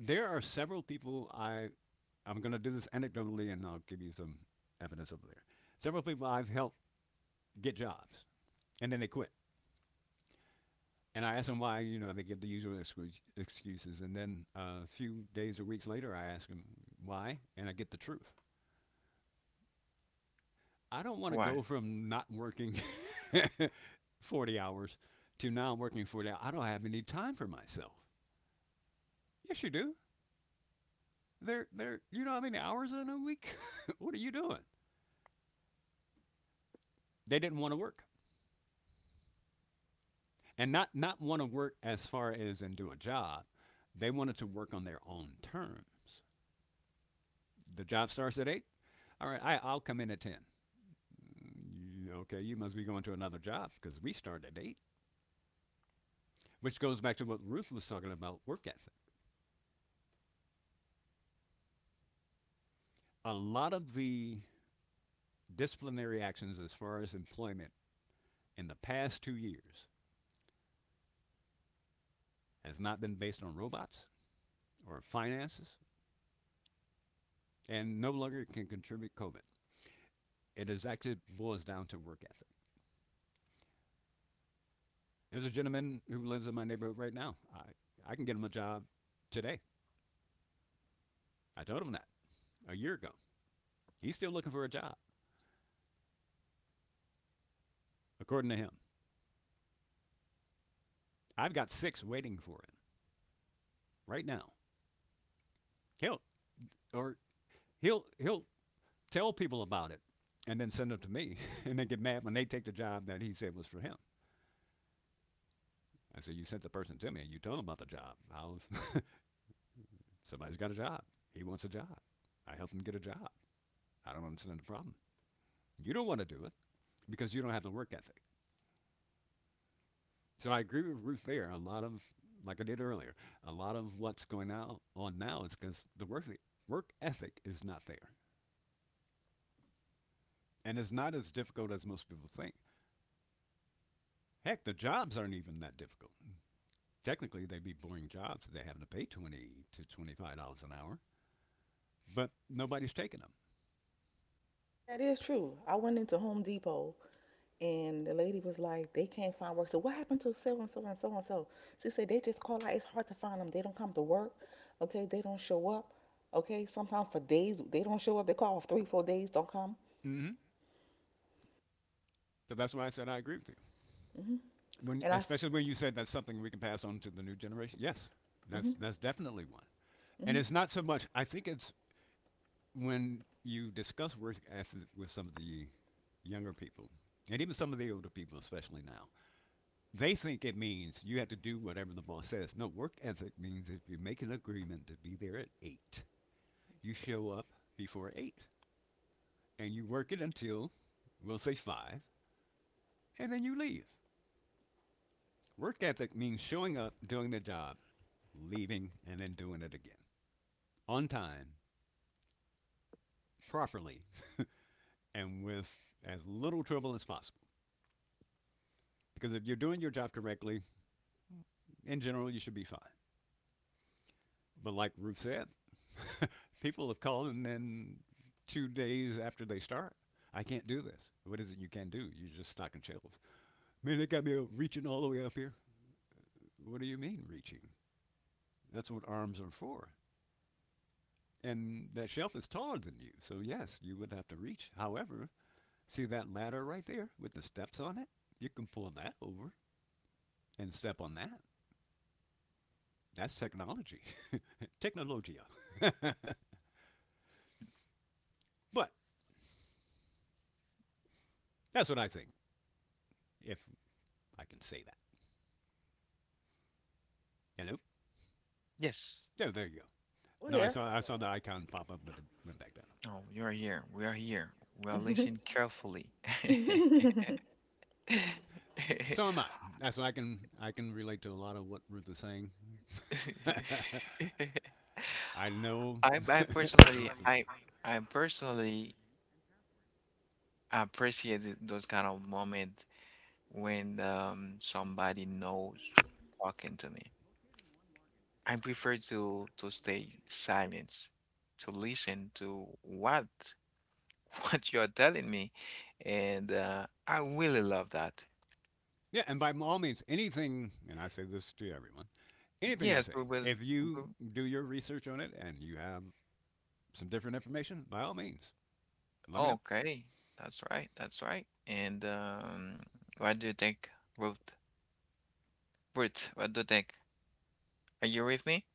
[SPEAKER 3] There are several people I'm going to do this anecdotally and I'll give you some evidence over there. Several people I've helped get jobs and then they quit. And I asked them why. You know, they give the usual excuses. And then a few days or weeks later, I ask them why, and I get the truth. I don't want to
[SPEAKER 1] Why?
[SPEAKER 3] go from not working 40 hours to now working 40 hours. I don't have any time for myself. Yes, you do. They're, you know how many hours in a week? What are you doing? They didn't want to work. And not want to work as far as and do a job. They wanted to work on their own terms. The job starts at 8. All right, I'll come in at 10. Mm, okay, you must be going to another job because we start at 8, which goes back to what Ruth was talking about work ethic. A lot of the disciplinary actions as far as employment in the past 2 years has not been based on robots or finances and no longer can contribute COVID. It is actually boils down to work ethic. There's a gentleman who lives in my neighborhood right now. I can get him a job today. I told him that a year ago. He's still looking for a job, according to him. I've got six waiting for him right now. He'll or he'll he'll tell people about it and then send them to me and then get mad when they take the job that he said was for him. I said, "You sent the person to me and you told him about the job. How's" somebody's got a job. He wants a job. I helped him get a job. I don't understand the problem. You don't want to do it because you don't have the work ethic. So I agree with Ruth there. A lot of, like I did earlier, a lot of what's going on now is because the work ethic is not there, and it's not as difficult as most people think. Heck, the jobs aren't even that difficult. Technically, they'd be boring jobs if they having to pay $20 to $25 an hour, but nobody's taking them.
[SPEAKER 2] That is true. I went into Home Depot and the lady was like, they can't find work. So what happened to so and so and so and so? She said they just call out. It's hard to find them. They don't come to work. Okay, they don't show up. Okay, sometimes for days they don't show up. They call off three, 4 days, don't come.
[SPEAKER 3] Mm-hmm. So that's why I said I agree with you.
[SPEAKER 2] Hmm.
[SPEAKER 3] When,
[SPEAKER 2] And I,
[SPEAKER 3] especially when you said that's something we can pass on to the new generation. Yes, that's
[SPEAKER 2] mm-hmm,
[SPEAKER 3] that's definitely one. And it's
[SPEAKER 2] mm-hmm,
[SPEAKER 3] not so much. I think it's when you discuss work ethic with some of the younger people, and even some of the older people, especially now, they think it means you have to do whatever the boss says. No, work ethic means if you make an agreement to be there at eight, you show up before eight, and you work it until, we'll say five, and then you leave. Work ethic means showing up, doing the job, leaving, and then doing it again on time, properly, and with as little trouble as possible. Because if you're doing your job correctly, in general, you should be fine. But like Ruth said, people have called and then 2 days after they start, "I can't do this." What is it you can do? You're just stocking shelves. "Man, they got me reaching all the way up here." What do you mean reaching? That's what arms are for. And that shelf is taller than you. So yes, you would have to reach. However, see that ladder right there with the steps on it? You can pull that over and step on that. That's technology. Technologia. But that's what I think, if I can say that. Hello?
[SPEAKER 1] Yes.
[SPEAKER 3] There you go.
[SPEAKER 2] we're
[SPEAKER 3] No, I
[SPEAKER 2] here.
[SPEAKER 3] saw I saw the icon pop up, but it went back down.
[SPEAKER 1] No, you're here. We are here. We are
[SPEAKER 2] Mm.
[SPEAKER 1] listening carefully.
[SPEAKER 2] Mhm.
[SPEAKER 3] So am I. That's why I can relate to a lot of what Ruth is saying. I know
[SPEAKER 1] I I
[SPEAKER 3] I know
[SPEAKER 1] personally
[SPEAKER 3] some
[SPEAKER 1] I
[SPEAKER 3] people.
[SPEAKER 1] I personally appreciate those kind of moments when, somebody knows talking to me. I prefer to stay silent, to listen to what what you're telling me, and I really love that.
[SPEAKER 3] Yeah, and by all means, anything, and I say this to everyone, anything I
[SPEAKER 1] Yes, we
[SPEAKER 3] say,
[SPEAKER 1] will.
[SPEAKER 3] if you
[SPEAKER 1] we-
[SPEAKER 3] do your research on it and you have some different information, by all means, let me know.
[SPEAKER 1] Okay, that's right. That's right. And, what do you think, Ruth? Ruth, what do you think? Are you with me?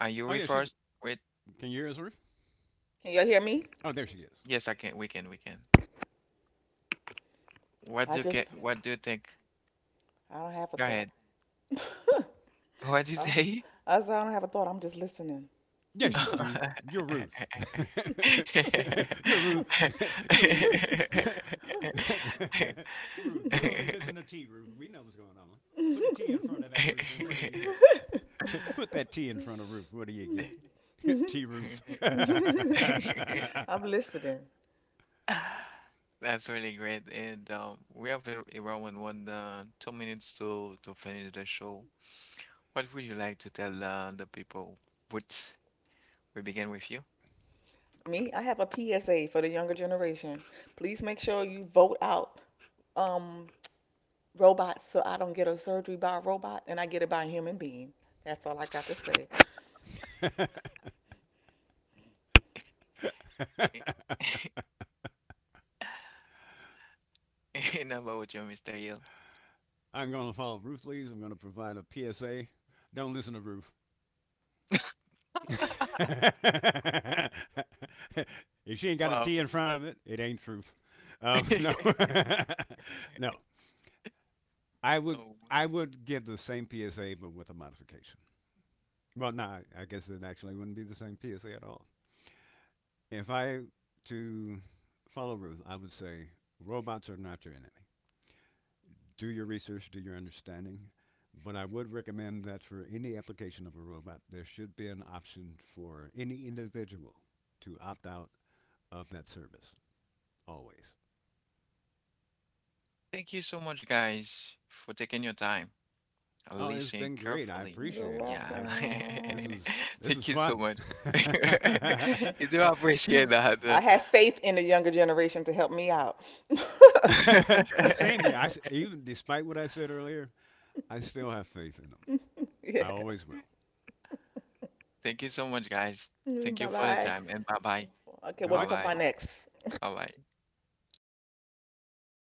[SPEAKER 1] Are you
[SPEAKER 3] Oh, yeah,
[SPEAKER 1] with
[SPEAKER 3] she's.
[SPEAKER 1] us? Wait,
[SPEAKER 3] Can you hear us, Ruth?
[SPEAKER 2] Can y'all hear me?
[SPEAKER 3] Oh, there she is.
[SPEAKER 1] yes, I can. We can. We can. What
[SPEAKER 2] I
[SPEAKER 1] do you
[SPEAKER 2] just,
[SPEAKER 1] get? What do you think?
[SPEAKER 2] I don't have a
[SPEAKER 1] Go
[SPEAKER 2] thought.
[SPEAKER 1] ahead. What do you
[SPEAKER 2] I,
[SPEAKER 1] say?
[SPEAKER 2] I said, I don't have a thought. I'm just listening.
[SPEAKER 3] Yes, you do. You're Ruth. You're Ruth. You're. Ruth, you're only missing a T, Ruth. We know what's going on. Put a T in front of that Ruth, and what do you get? Put that T in front of Ruth, what do you get? T Ruth.
[SPEAKER 2] I'm listening.
[SPEAKER 1] That's really great. And we have around one 2 minutes to finish the show. What would you like to tell the people? Would we begin with you?
[SPEAKER 2] Me, I have a PSA for the younger generation. Please make sure you vote out um robots so I don't get a surgery by a robot and I get it by a human being. That's all I got to say.
[SPEAKER 1] And about you, Mr. Hill.
[SPEAKER 3] I'm going to follow Ruth Lee's. I'm going to provide a PSA. Don't listen to Ruth. If she ain't got a
[SPEAKER 1] Wow.
[SPEAKER 3] T in front of it, it ain't truth. No, no. I would
[SPEAKER 1] No.
[SPEAKER 3] I would give the same PSA but with a modification. Well, no, I guess it actually wouldn't be the same PSA at all. If I to follow Ruth, I would say robots are not your enemy. Do your research, do your understanding. But I would recommend that for any application of a robot, there should be an option for any individual to opt out of that service. Always.
[SPEAKER 1] Thank you so much, guys, for taking your time and
[SPEAKER 3] Oh, it's
[SPEAKER 1] listening
[SPEAKER 3] been great. I
[SPEAKER 1] carefully.
[SPEAKER 2] You're
[SPEAKER 3] appreciate it.
[SPEAKER 1] Yeah.
[SPEAKER 3] That
[SPEAKER 2] welcome.
[SPEAKER 3] this is
[SPEAKER 1] Thank you so
[SPEAKER 3] fun.
[SPEAKER 1] much. You do appreciate
[SPEAKER 2] I
[SPEAKER 1] that.
[SPEAKER 2] have faith in the younger generation to help me out.
[SPEAKER 3] Same here. I s even despite what I said earlier, I still have faith in them. I
[SPEAKER 2] Yes.
[SPEAKER 3] always will.
[SPEAKER 1] Thank you so much, guys. Thank you
[SPEAKER 2] Bye
[SPEAKER 1] for your
[SPEAKER 2] bye.
[SPEAKER 1] time, and bye bye.
[SPEAKER 2] Okay,
[SPEAKER 3] All
[SPEAKER 2] what we
[SPEAKER 1] Bye
[SPEAKER 3] right.
[SPEAKER 2] talking
[SPEAKER 1] bye.
[SPEAKER 2] about next?
[SPEAKER 1] Bye bye.